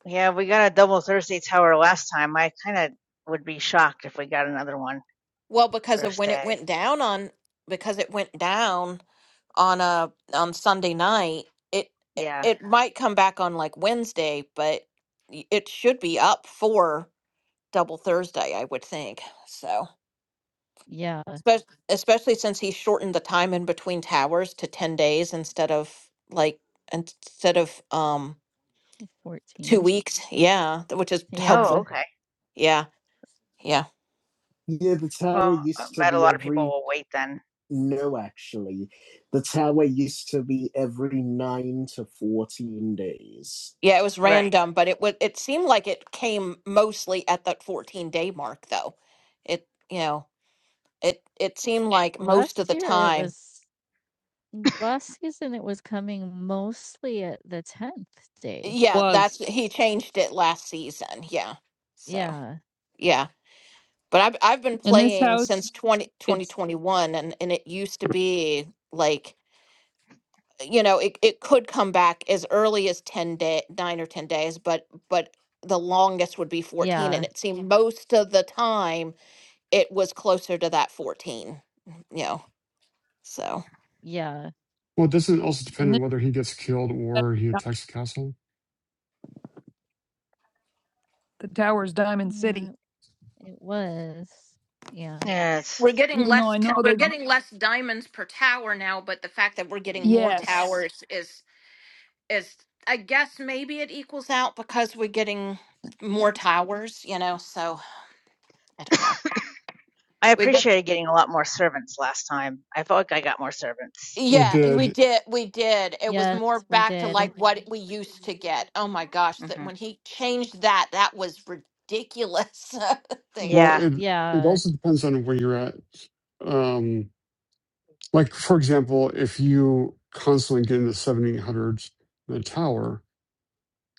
Speaker 4: Yeah, we got a double Thursday tower last time. I kind of would be shocked if we got another one
Speaker 3: well, because of
Speaker 4: first
Speaker 3: when it
Speaker 4: day.
Speaker 3: went down on, because it went down on a on Sunday night, it it
Speaker 4: Yeah.
Speaker 3: it might come back on like Wednesday, but y- it should be up for double Thursday, I would think. So,
Speaker 1: yeah,
Speaker 3: spe- especially since he shortened the time in between towers to 10 days instead of like instead of um 2
Speaker 1: 14.
Speaker 3: weeks. Yeah, th- which is
Speaker 4: Oh,
Speaker 1: Yeah.
Speaker 3: helpful.
Speaker 4: okay.
Speaker 3: Yeah. yeah.
Speaker 1: Yeah, the
Speaker 4: Well,
Speaker 1: towers.
Speaker 4: I bet a lot of people will wait then.
Speaker 3: Yeah, it was
Speaker 4: Right.
Speaker 3: random, but it would it seemed like it came mostly at that 14 day mark though. It you know, it it seemed like most of
Speaker 1: Last
Speaker 3: the
Speaker 1: year it
Speaker 3: time.
Speaker 1: was last season it was coming mostly at the 10th day.
Speaker 3: Yeah, that's
Speaker 1: Was.
Speaker 3: he changed it last season. Yeah. So,
Speaker 1: Yeah.
Speaker 3: yeah. But I've I've been
Speaker 1: In this
Speaker 3: playing since
Speaker 1: house,
Speaker 3: 20 twenty
Speaker 1: it's
Speaker 3: twenty-one, and and it used to be like you know, it, it could come back as early as 10 day 9 or 10 days, but but the longest would be 14 and
Speaker 1: Yeah,
Speaker 3: it seemed most of the time it was closer to that 14 mm, you know so
Speaker 1: yeah.
Speaker 2: well, it doesn't also depend
Speaker 1: in
Speaker 2: on
Speaker 1: this
Speaker 2: whether he gets killed or he attacks the castle.
Speaker 1: the tower's Diamond City. Yeah, it was. Yeah.
Speaker 3: Yeah.
Speaker 4: Yes.
Speaker 3: we're getting
Speaker 1: Even though
Speaker 3: less
Speaker 1: I
Speaker 3: t-
Speaker 1: know
Speaker 3: we're
Speaker 1: they
Speaker 3: getting less diamonds per tower now but the fact that we're getting more Yeah.
Speaker 1: yes.
Speaker 3: towers is is i guess maybe it equals out because we're getting more towers you know so i don't know
Speaker 4: I
Speaker 3: we get
Speaker 4: appreciated getting a lot more servants last time. I felt like I got more servants.
Speaker 2: We
Speaker 3: yeah we
Speaker 2: did
Speaker 3: did we did it was
Speaker 1: Yes,
Speaker 3: more
Speaker 1: we
Speaker 3: back to
Speaker 1: did.
Speaker 3: like what we used to get oh my gosh that
Speaker 4: hmm
Speaker 3: when he changed that that was ridiculous Thing.
Speaker 2: well.
Speaker 4: Yeah.
Speaker 2: It it
Speaker 1: Yeah,
Speaker 2: also depends on where you're at. Um, like for example, if you constantly get in the seventeen hundreds in the tower,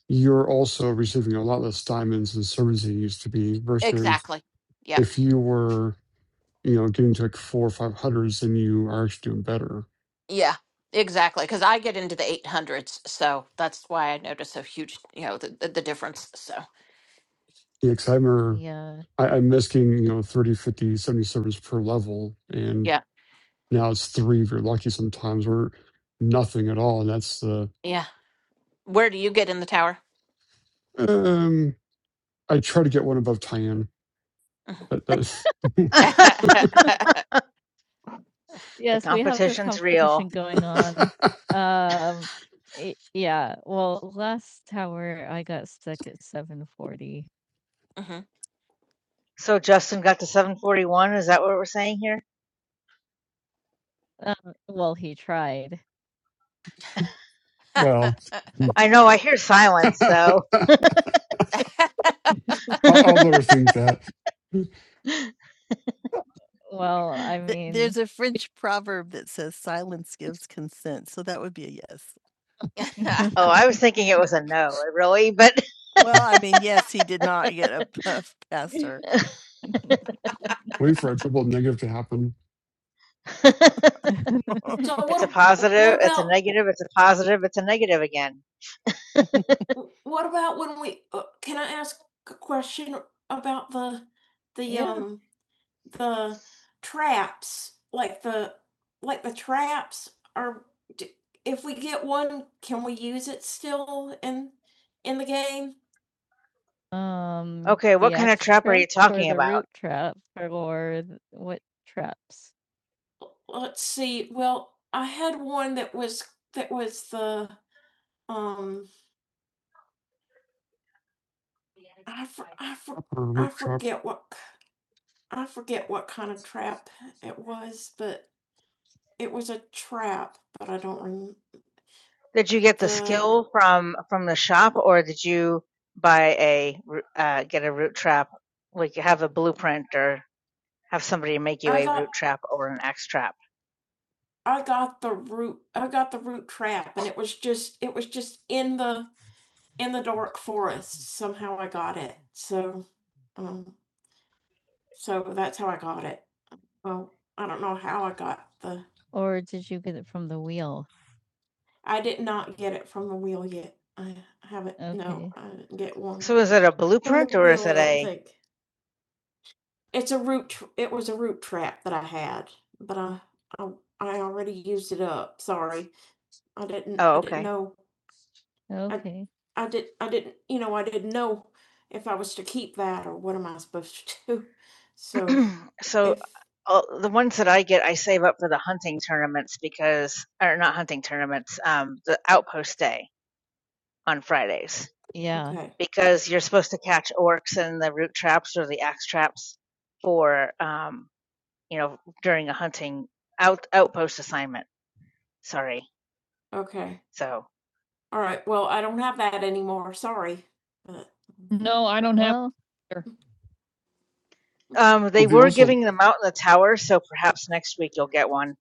Speaker 2: you're also receiving a lot less diamonds and servants than you used to be versus
Speaker 3: exactly Yep.
Speaker 2: if you were, you know, getting to like four or five hundreds, then you are actually doing better.
Speaker 3: Yeah, exactly. Because I get into the 800s, so that's why I notice a huge, you know, the, the, the difference. So,
Speaker 2: Yeah, 'cause I remember
Speaker 1: yeah.
Speaker 2: I, I'm risking, you know, 30, 50, 70 servants per level. And
Speaker 3: yeah,
Speaker 2: now it's three if you're lucky sometimes or nothing at all. And that's the,
Speaker 3: yeah. Where do you get in the tower?
Speaker 2: um, I try to get one above Tyan,
Speaker 3: mm-hmm.
Speaker 2: but that's,
Speaker 4: the
Speaker 1: Yes, we have this
Speaker 4: competition's
Speaker 1: competition
Speaker 4: real.
Speaker 1: going on. Um, i yeah, well, last tower I got stuck at 740.
Speaker 4: So Justin got to 741. Is that what we're saying here?
Speaker 1: Um, well, he tried.
Speaker 2: well,
Speaker 1: Hmm.
Speaker 4: I know I hear silence,
Speaker 2: I'll,
Speaker 4: so. oh,
Speaker 2: I'll never think that.
Speaker 1: Well, I Th- mean, There's a French proverb that says silence gives consent, so that would be a yes.
Speaker 4: I was thinking it was a no, really, but.
Speaker 1: Well, I mean, yes, he did not get a puff past her.
Speaker 2: Wait for a triple negative to happen.
Speaker 1: So
Speaker 4: it's a
Speaker 1: what,
Speaker 4: positive, it's a negative, it's a positive, it's a negative again.
Speaker 1: what would the Yeah. um Um,
Speaker 4: Okay,
Speaker 1: the
Speaker 4: what kind of
Speaker 1: X
Speaker 4: trap are
Speaker 1: trap
Speaker 4: you
Speaker 1: or
Speaker 4: talking
Speaker 1: the
Speaker 4: about?
Speaker 1: root trap or th what traps?
Speaker 4: Did you get the skill from from the shop, or did you buy a uh, get a root trap, like you have a blueprint or Have somebody make you a root trap or an X trap.
Speaker 1: Got it. Or did you get it from the wheel? But no, Okay, I,
Speaker 4: So is it a blueprint or is it a? Oh, okay.
Speaker 1: I, okay, oh, I didn't know.
Speaker 4: so uh, the ones that I get, I save up for the hunting tournaments because, or not hunting tournaments, um, the outpost day on Fridays
Speaker 1: yeah. Okay.
Speaker 4: because you're supposed to catch orcs in the root traps or the axe traps for, um, you know, during a hunting out outpost assignment. Sorry. So
Speaker 1: No, I don't have. Well, either.
Speaker 4: um, they
Speaker 2: Well, they
Speaker 4: were
Speaker 2: also
Speaker 4: giving them out in the tower, so perhaps next week you'll get one.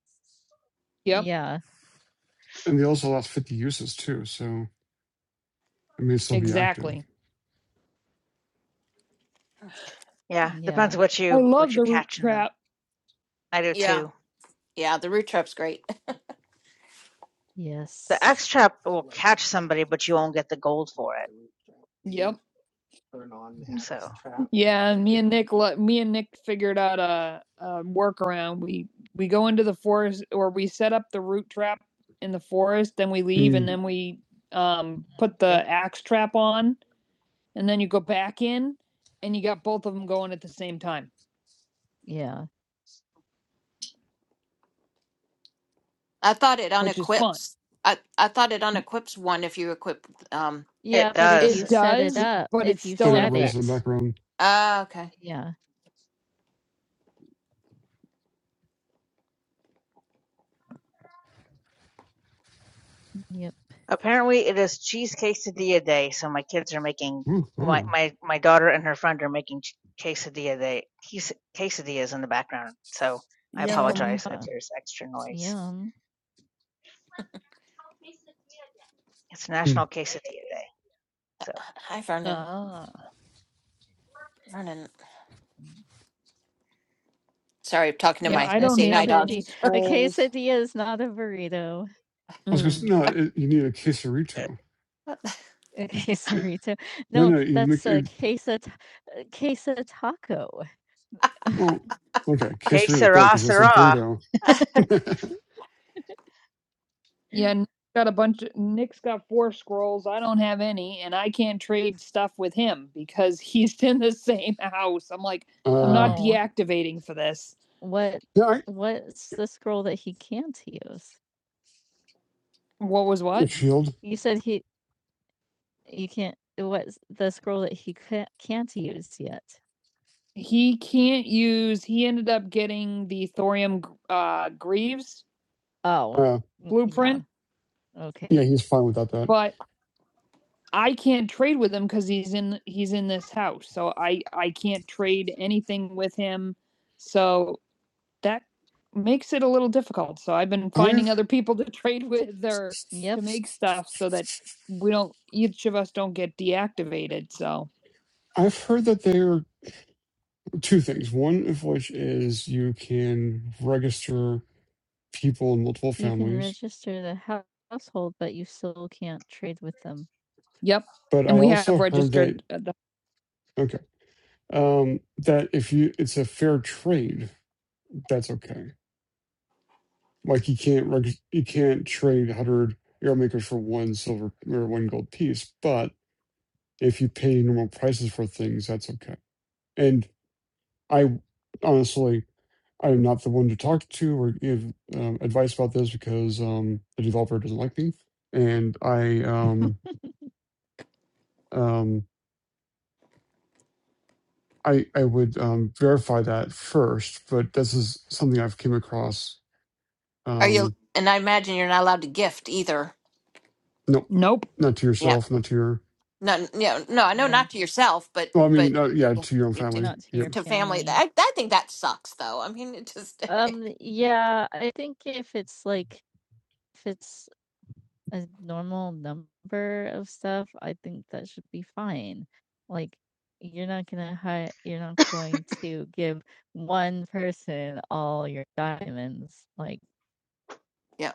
Speaker 1: Yep, yeah,
Speaker 2: and they also last 50 uses too, so it may still be active.
Speaker 1: exactly.
Speaker 4: Yeah,
Speaker 1: yeah,
Speaker 4: depends what
Speaker 1: I
Speaker 4: you
Speaker 1: love
Speaker 4: what you
Speaker 1: the root
Speaker 4: catch in them.
Speaker 1: trap.
Speaker 4: I do too.
Speaker 3: yeah, yeah. The root trap's great.
Speaker 4: The
Speaker 1: yes.
Speaker 4: X trap will catch somebody, but you won't get the gold for it.
Speaker 1: Yep. on
Speaker 4: So
Speaker 1: Axe Trap. Yeah, me and Nick, me and Nick figured out a, a workaround. We we go into the forest, or we set up the root trap in the forest, then we leave, and
Speaker 2: Mm.
Speaker 1: then we um put the axe trap on, and then you go back in, and you got both of them going at the same time, Yeah.
Speaker 3: I thought it
Speaker 1: which is fun.
Speaker 3: unequips. I I thought it unequips one if you equip. Um.
Speaker 1: Yeah,
Speaker 4: it
Speaker 1: but if It
Speaker 4: does.
Speaker 1: you does, set it up, but if it's you still
Speaker 2: But it
Speaker 1: set
Speaker 2: runs in the background.
Speaker 3: Ah, okay.
Speaker 1: it, yeah, yep,
Speaker 4: Apparently, it is cheese quesadilla day, so my kids are making
Speaker 2: Ooh,
Speaker 4: my
Speaker 2: ooh.
Speaker 4: my my daughter and her friend are making quesadilla day ques- quesadillas in the background. So I
Speaker 1: Yum.
Speaker 4: apologize if
Speaker 1: uh,
Speaker 4: there's extra noise.
Speaker 1: yum.
Speaker 4: It's
Speaker 2: Mm.
Speaker 4: National Quesadilla Day, so
Speaker 3: Hi, Vernon.
Speaker 1: Ah,
Speaker 3: Vernon. Sorry, I'm talking to
Speaker 1: Yeah, Like,
Speaker 3: my
Speaker 1: I a don't
Speaker 3: seeing eye
Speaker 1: have any
Speaker 3: dog.
Speaker 1: quesadi a scrolls. quesadilla is not a burrito.
Speaker 2: I was going to say,
Speaker 1: Mm.
Speaker 2: no, it, you need a quesarito.
Speaker 1: A
Speaker 2: It,
Speaker 1: quesarito.
Speaker 2: no,
Speaker 1: No,
Speaker 2: no, you
Speaker 1: that's
Speaker 2: make
Speaker 1: a
Speaker 2: a
Speaker 1: quesa ta uh, quesa taco.
Speaker 2: Well, okay,
Speaker 4: que
Speaker 2: quesarito is better
Speaker 4: sera
Speaker 2: because it's a
Speaker 4: sera.
Speaker 2: burrito.
Speaker 1: Yeah, Nick's got a bunch of Nick's got 4 scrolls, I don't have any, and I can't trade stuff with him because he's in the same house. I'm like, I'm
Speaker 2: Uh,
Speaker 1: not Oh. deactivating for this. What
Speaker 2: yeah, I,
Speaker 1: what's the scroll that he can't use? What was
Speaker 2: a
Speaker 1: what?
Speaker 2: shield.
Speaker 1: You said he You can't what's the scroll that he ca- can't use yet? He can't use, he ended up getting the thorium uh, Greaves, Oh. n-
Speaker 2: Uh,
Speaker 1: yeah, Blueprint? Okay.
Speaker 2: yeah, he's fine without that.
Speaker 1: but I can't trade with him because he's in he's in this house. So I I can't trade anything with him. So that makes it a little difficult. So I've been finding
Speaker 2: I've
Speaker 1: other people to trade with or yep. to Yep. make stuff so that we don't each of us don't get deactivated. So
Speaker 2: I've heard that there are two things. One of which is you can register people in multiple
Speaker 1: You can
Speaker 2: families,
Speaker 1: register the hou- household, but you still can't trade with them. Yep.
Speaker 2: but
Speaker 1: And
Speaker 2: I
Speaker 1: we
Speaker 2: also
Speaker 1: have
Speaker 2: heard that.
Speaker 1: registered uh, the
Speaker 2: Okay. um, that if you it's a fair trade, that's okay. Like you can't reg- you can't trade hundred arrow makers for one silver or one gold piece, but if you pay normal prices for things, that's okay. And I honestly, I'm not the one to talk to or give um, advice about this because um, the developer doesn't like me, and I um, um, I I would um, verify that first. But this is something I've came across.
Speaker 3: Are
Speaker 2: Um,
Speaker 3: you? And I imagine you're not allowed to gift either.
Speaker 2: No,
Speaker 1: Nope.
Speaker 2: not to
Speaker 3: Yeah.
Speaker 2: yourself, not to your.
Speaker 3: No. No. No. I know
Speaker 1: Yeah,
Speaker 3: not to yourself, but
Speaker 2: Well, I
Speaker 3: but
Speaker 2: mean, uh, yeah,
Speaker 3: yeah,
Speaker 2: to your own
Speaker 3: you to,
Speaker 2: family.
Speaker 1: not to
Speaker 2: Yep.
Speaker 1: your
Speaker 3: to family.
Speaker 1: family.
Speaker 3: I I think that sucks, though. I mean, it just
Speaker 1: Um, yeah, I think if it's like if it's a normal number of stuff, I think that should be fine. Like, you're not gonna hide, you're not going to give one person all your diamonds. Like,
Speaker 3: yeah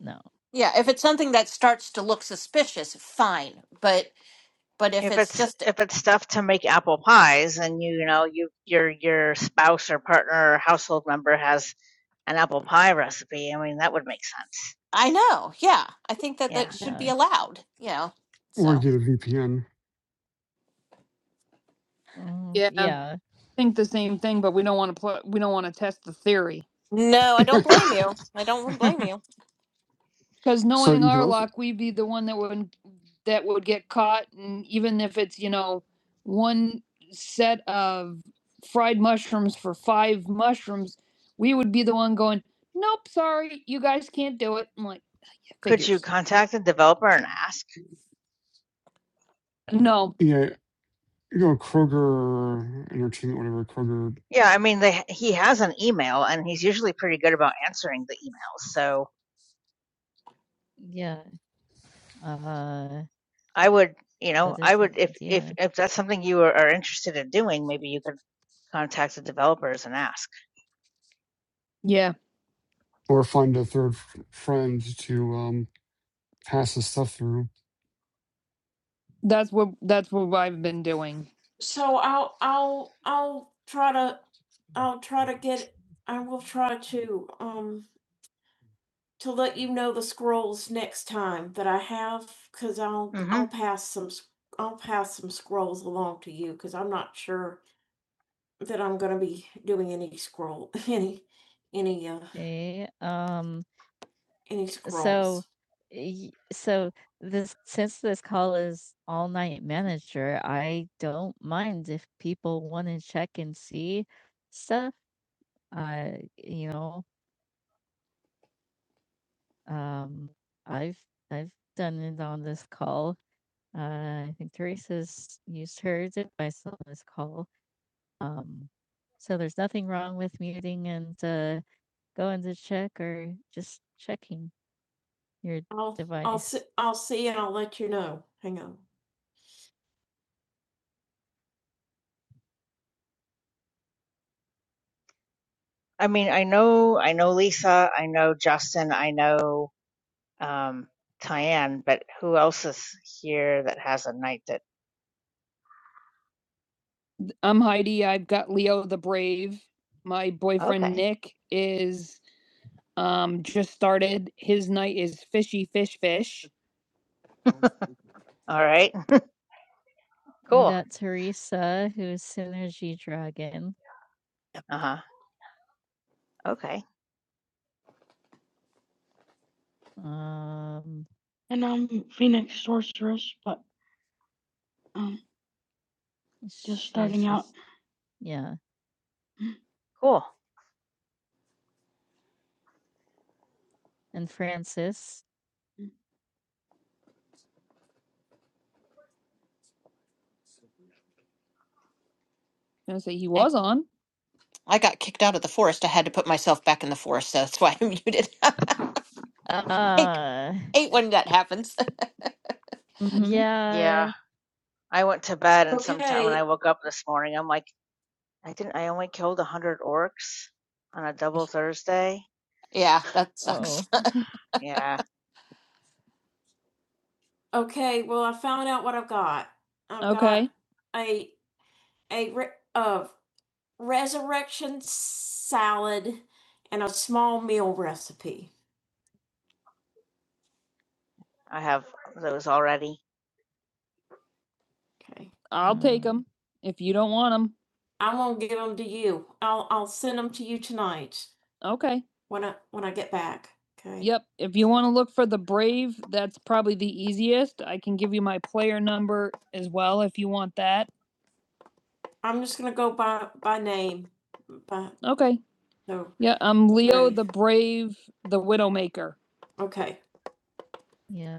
Speaker 1: no.
Speaker 3: yeah. If it's something that starts to look suspicious, fine. But but if
Speaker 4: if
Speaker 3: it's
Speaker 4: it's
Speaker 3: just
Speaker 4: if it's stuff to make apple pies and you know you your your spouse or partner or household member has an apple pie recipe i mean that would make sense
Speaker 3: I know, yeah, I think that that
Speaker 4: yeah
Speaker 3: should be
Speaker 1: Yeah.
Speaker 3: allowed. You know.
Speaker 2: Or
Speaker 3: So
Speaker 2: get a VPN.
Speaker 1: Mm, Yeah, I yeah. think the same thing, but we don't want to play. We don't want to test the theory.
Speaker 3: no, I don't blame you. I don't
Speaker 4: yeah.
Speaker 3: blame you.
Speaker 1: Because
Speaker 2: so
Speaker 1: knowing
Speaker 2: you can
Speaker 1: our
Speaker 2: also,
Speaker 1: luck, we'd be the one that would that would get caught, and even if it's you know one set of fried mushrooms for five mushrooms, we would be the one going, "Nope, sorry, you guys can't do it." I'm like,
Speaker 4: could you
Speaker 1: figures.
Speaker 4: contact the developer and ask
Speaker 1: No,
Speaker 2: yeah, you know, Kroger Entertainment, whatever Kroger,
Speaker 4: yeah i mean they he has an email and he's usually pretty good about answering the emails so
Speaker 1: Yeah, uh,
Speaker 4: i would you know
Speaker 1: that
Speaker 4: i
Speaker 1: is an
Speaker 4: would if if
Speaker 1: idea.
Speaker 4: if that's something you are, are interested in doing maybe you could contact the developers and ask.
Speaker 1: yeah,
Speaker 2: or find a third f- friend to um pass this stuff through.
Speaker 1: that's what that's what I've been doing. So I'll I'll I'll try to I'll try to get I will try to till
Speaker 4: hmm
Speaker 1: I'll pass some s- I'll pass belong to you because I'm not sure that I'm any uh, Okay. Um, any so scrolls. y- so this since this call is all night manager, I don't mind if people want to check and see stuff. I you know, um I've I've done it on this call. Uh, I think Teresa's used her device on this call. Um, so there's nothing wrong with muting and uh going to check or just checking your I'll, I'll, device. s- yeah, hang on.
Speaker 4: I mean, I know, I know Lisa, I know Justin, I know um, Tyann, but who else is here that has a night that?
Speaker 1: I'm Heidi. I've got Leo the Brave. My boyfriend
Speaker 4: Okay,
Speaker 1: Nick is um just started. His night is fishy fish fish.
Speaker 4: all right,
Speaker 1: We
Speaker 4: cool.
Speaker 1: got Teresa, who is Synergy Dragon. Yep.
Speaker 4: Uh huh. Okay,
Speaker 1: Um, Just sh- starting out. she's- Yeah,
Speaker 4: cool.
Speaker 1: and Francis. I was gonna say he
Speaker 3: I,
Speaker 1: was on.
Speaker 3: I got kicked out of the forest. I had to put myself back in the forest. So that's why I'm muted. hate
Speaker 1: Uh,
Speaker 3: hate when that happens.
Speaker 1: Mhm.
Speaker 4: Yeah,
Speaker 1: yeah.
Speaker 4: I went to bed, and sometime when
Speaker 1: Okay,
Speaker 4: I woke up this morning, I'm like, I didn't. I only killed a hundred orcs on a double Thursday.
Speaker 3: Yeah, that
Speaker 1: Oh,
Speaker 3: sucks.
Speaker 4: Yeah,
Speaker 1: Okay, well, I found out what I've got. I've got Okay. A, a, re- uh, resurrection salad and a small meal recipe.
Speaker 4: I have those already.
Speaker 1: Okay. I'll take Mm. them if you don't want them. I'm gonna give them to you. I'll, I'll send them to you tonight Okay. when I, when I get back. Okay. Yep. If you want to look for the Brave, that's probably the easiest. I can give you my player number as well if you want that. I'm just gonna go by, by name. But, Okay. so, Yeah, I'm Leo Right. the Brave, Brave, the Widowmaker. okay. Yeah.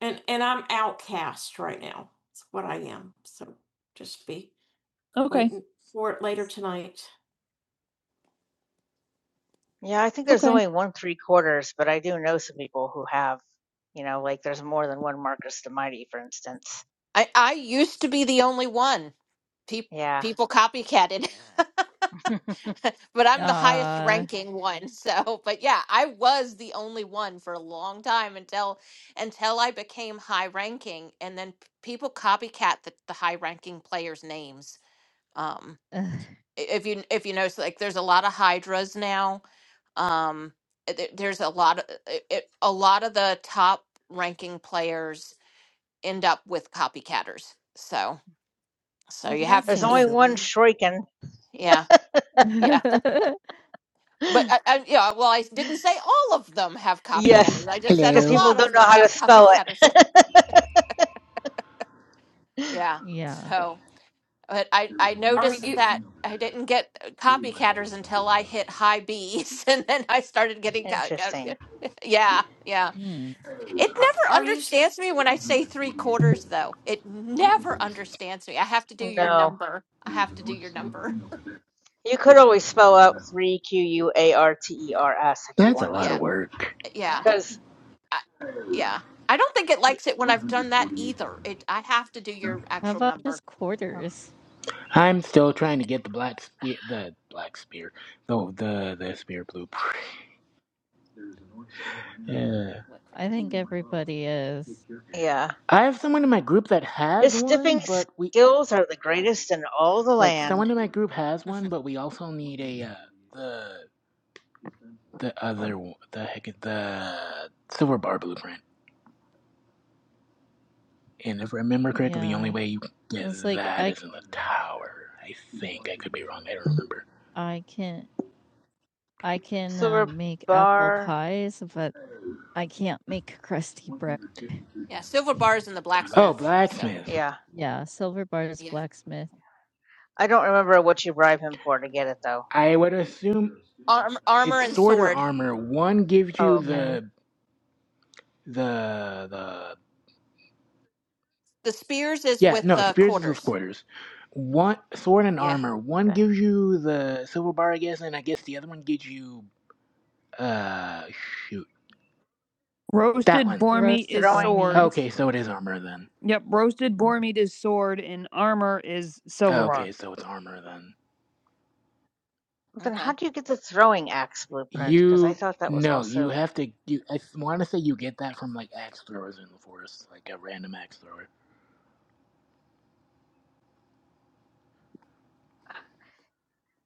Speaker 1: And, and I'm outcast right now, what I am, so just be. Okay. waiting For it later tonight.
Speaker 4: Yeah, I think there's
Speaker 1: Okay.
Speaker 4: only one three quarters, but I do know some people who have. You know, like there's more than one Marcus the Mighty, for instance.
Speaker 3: I I used to be the only one. Pe-
Speaker 4: Yeah,
Speaker 3: people copycatted. but I'm the highest
Speaker 1: Uh.
Speaker 3: ranking one. So, but yeah, I was the only one for a long time until until I became high ranking and then p- people copycat the, the high ranking players names. Um i- if you if you notice like there's a lot of hydras now. Um th- there's a lot of it, it- a lot of the top ranking players end up with copycatters. So, so
Speaker 1: Well,
Speaker 3: you
Speaker 1: that
Speaker 3: have to,
Speaker 4: there's
Speaker 1: seems
Speaker 3: yeah,
Speaker 4: only one
Speaker 1: silly.
Speaker 4: Shuriken.
Speaker 3: yeah, yeah. But I, I, yeah, well, I didn't say all of them have copycatters.
Speaker 4: yes,
Speaker 3: I just said a
Speaker 4: because
Speaker 5: Hello.
Speaker 4: people
Speaker 3: lot of
Speaker 4: don't know
Speaker 3: them
Speaker 4: how to
Speaker 3: have
Speaker 4: spell it.
Speaker 3: copycatters. Yeah.
Speaker 1: yeah.
Speaker 3: So, but I, I
Speaker 1: Are
Speaker 3: noticed
Speaker 1: you,
Speaker 3: that I didn't get uh, copycatters until I hit high B's, and then I started getting copycatters.
Speaker 4: Interesting.
Speaker 3: Yeah, yeah.
Speaker 1: Hmm.
Speaker 3: It
Speaker 1: are-
Speaker 3: never
Speaker 1: are you, s-
Speaker 3: understands me when I say three quarters, though. It never understands me. I have to do your
Speaker 4: No,
Speaker 3: number. I have to do your
Speaker 1: mm,
Speaker 3: number.
Speaker 4: you could always spell out three Q U A R T E R S if you
Speaker 5: That's a
Speaker 4: wanted
Speaker 5: lot of
Speaker 3: Yeah,
Speaker 4: to,
Speaker 5: work.
Speaker 3: yeah.
Speaker 4: because.
Speaker 3: I, yeah, I don't think it likes it when I've done that either. It I have to do your
Speaker 1: How
Speaker 3: actual
Speaker 1: about
Speaker 3: number.
Speaker 1: just
Speaker 4: Oh,
Speaker 1: quarters?
Speaker 5: I'm still trying to get the black spear, the black spear, no, the the spear blueprint. Yeah.
Speaker 3: What
Speaker 1: I think everybody is.
Speaker 4: Yeah.
Speaker 5: I have someone in my group that
Speaker 4: His
Speaker 5: has one,
Speaker 4: stiffing
Speaker 5: but we
Speaker 4: skills are the greatest in all the
Speaker 5: like
Speaker 4: land.
Speaker 5: someone in my group has one,
Speaker 3: quick?
Speaker 5: but we also need a uh, the the other one- the heck is- the silver bar blueprint. And if I remember correctly, the only
Speaker 1: Yeah.
Speaker 5: way you can get
Speaker 1: It's like
Speaker 5: that
Speaker 1: I
Speaker 5: is in the tower. I think I could be wrong. I don't remember.
Speaker 1: I can I can uh, make apple
Speaker 4: Thurbar,
Speaker 1: pies, but I can't make crusty bread.
Speaker 3: Yeah, silver bars and the
Speaker 5: Oh,
Speaker 3: blacksmith. So
Speaker 5: blacksmith.
Speaker 4: yeah.
Speaker 1: Yeah, silver bars
Speaker 3: yeah,
Speaker 1: blacksmith.
Speaker 4: I don't remember what you bribe him for to get it though.
Speaker 5: I would assume
Speaker 3: Arm, armor
Speaker 5: it's
Speaker 3: and
Speaker 5: sword or
Speaker 3: sword.
Speaker 5: armor. One gives you
Speaker 4: Oh, okay,
Speaker 1: Yeah.
Speaker 5: the the the
Speaker 3: The spears is
Speaker 5: yeah
Speaker 3: with
Speaker 5: no
Speaker 3: uh,
Speaker 5: spears is with
Speaker 3: quarters.
Speaker 5: quarters. One sword and
Speaker 3: Yeah.
Speaker 5: armor. One
Speaker 4: okay.
Speaker 5: gives you the silver bar, I guess, and I guess the other one gives you uh shoot that
Speaker 1: Roasted
Speaker 5: one.
Speaker 1: boar meat Roasted is boar
Speaker 4: Throwing.
Speaker 1: sword. meat.
Speaker 5: Okay, so it is armor then.
Speaker 1: Yep, roasted boar meat is sword and armor is silver bar.
Speaker 5: Okay, so it's armor then.
Speaker 4: Then how
Speaker 3: Okay.
Speaker 4: do you get the throwing axe blueprint? Because I
Speaker 5: You
Speaker 4: thought that was
Speaker 5: no, you
Speaker 4: also.
Speaker 5: have to. You I want to say you get that from like axe throwers in the forest, like a random axe thrower.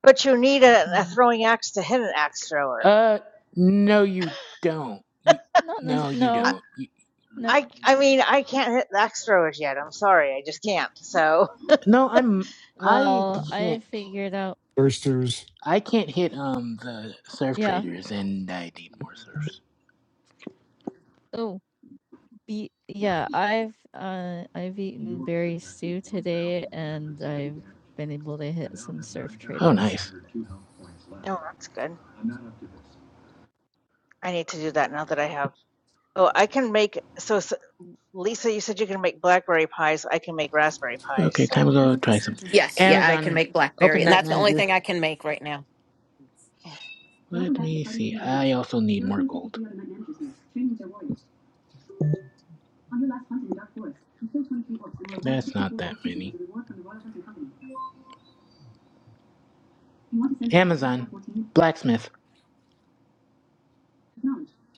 Speaker 4: But you need a, a
Speaker 1: Hmm.
Speaker 4: throwing axe to hit an axe thrower.
Speaker 5: Uh, no, you don't. You,
Speaker 1: Not nec-
Speaker 5: no, you
Speaker 4: I,
Speaker 1: no,
Speaker 5: don't. You,
Speaker 1: no.
Speaker 4: I, I mean, I can't hit axe throwers yet. I'm sorry, I just can't. So.
Speaker 5: no, I'm. I
Speaker 1: Well, I
Speaker 5: can't.
Speaker 1: figured out.
Speaker 2: There's Stu's.
Speaker 5: I can't hit um the surf
Speaker 1: Yeah.
Speaker 5: traders, and I need more surfs.
Speaker 1: Oh. Ye yeah, I've, uh, I've eaten berry stew today, and I've been able to hit some surf
Speaker 5: Oh,
Speaker 1: traders.
Speaker 5: nice.
Speaker 4: Oh, that's good. I need to do that now that I have. Oh, I can make so, so Lisa, you said you can make blackberry pies. I can make raspberry pies.
Speaker 5: Okay, time
Speaker 4: So,
Speaker 5: to go try some.
Speaker 3: Yes, yeah, I can
Speaker 5: Amazon,
Speaker 3: make blackberry,
Speaker 5: open
Speaker 3: and
Speaker 5: night
Speaker 3: that's the only
Speaker 5: manager.
Speaker 3: thing I can make right now.
Speaker 4: yeah.
Speaker 5: Let me see. I also need more gold. That's not that many.
Speaker 4: Mm.
Speaker 5: Amazon, blacksmith.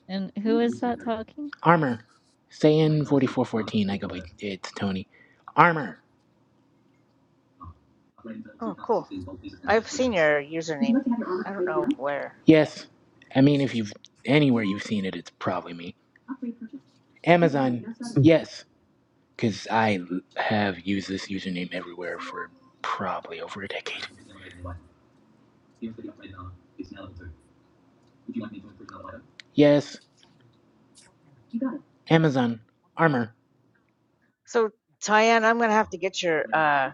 Speaker 1: And who is that talking?
Speaker 5: Armor. Say in 4414. I go, wait, it's Tony. Armor.
Speaker 4: oh, cool.
Speaker 1: Mm,
Speaker 4: I've seen your
Speaker 5: Would you
Speaker 4: username.
Speaker 5: like to have your
Speaker 4: I
Speaker 5: armor
Speaker 4: don't
Speaker 5: upgraded
Speaker 4: know
Speaker 5: now?
Speaker 4: where.
Speaker 5: Yes. I mean, if you've anywhere you've seen it, it's probably me. Upgrade purchased. Amazon. Yes. Because I l- have used this username everywhere for probably over a decade. Yes. You got it. Amazon. Armor.
Speaker 4: So, Tyann, I'm gonna have to get your uh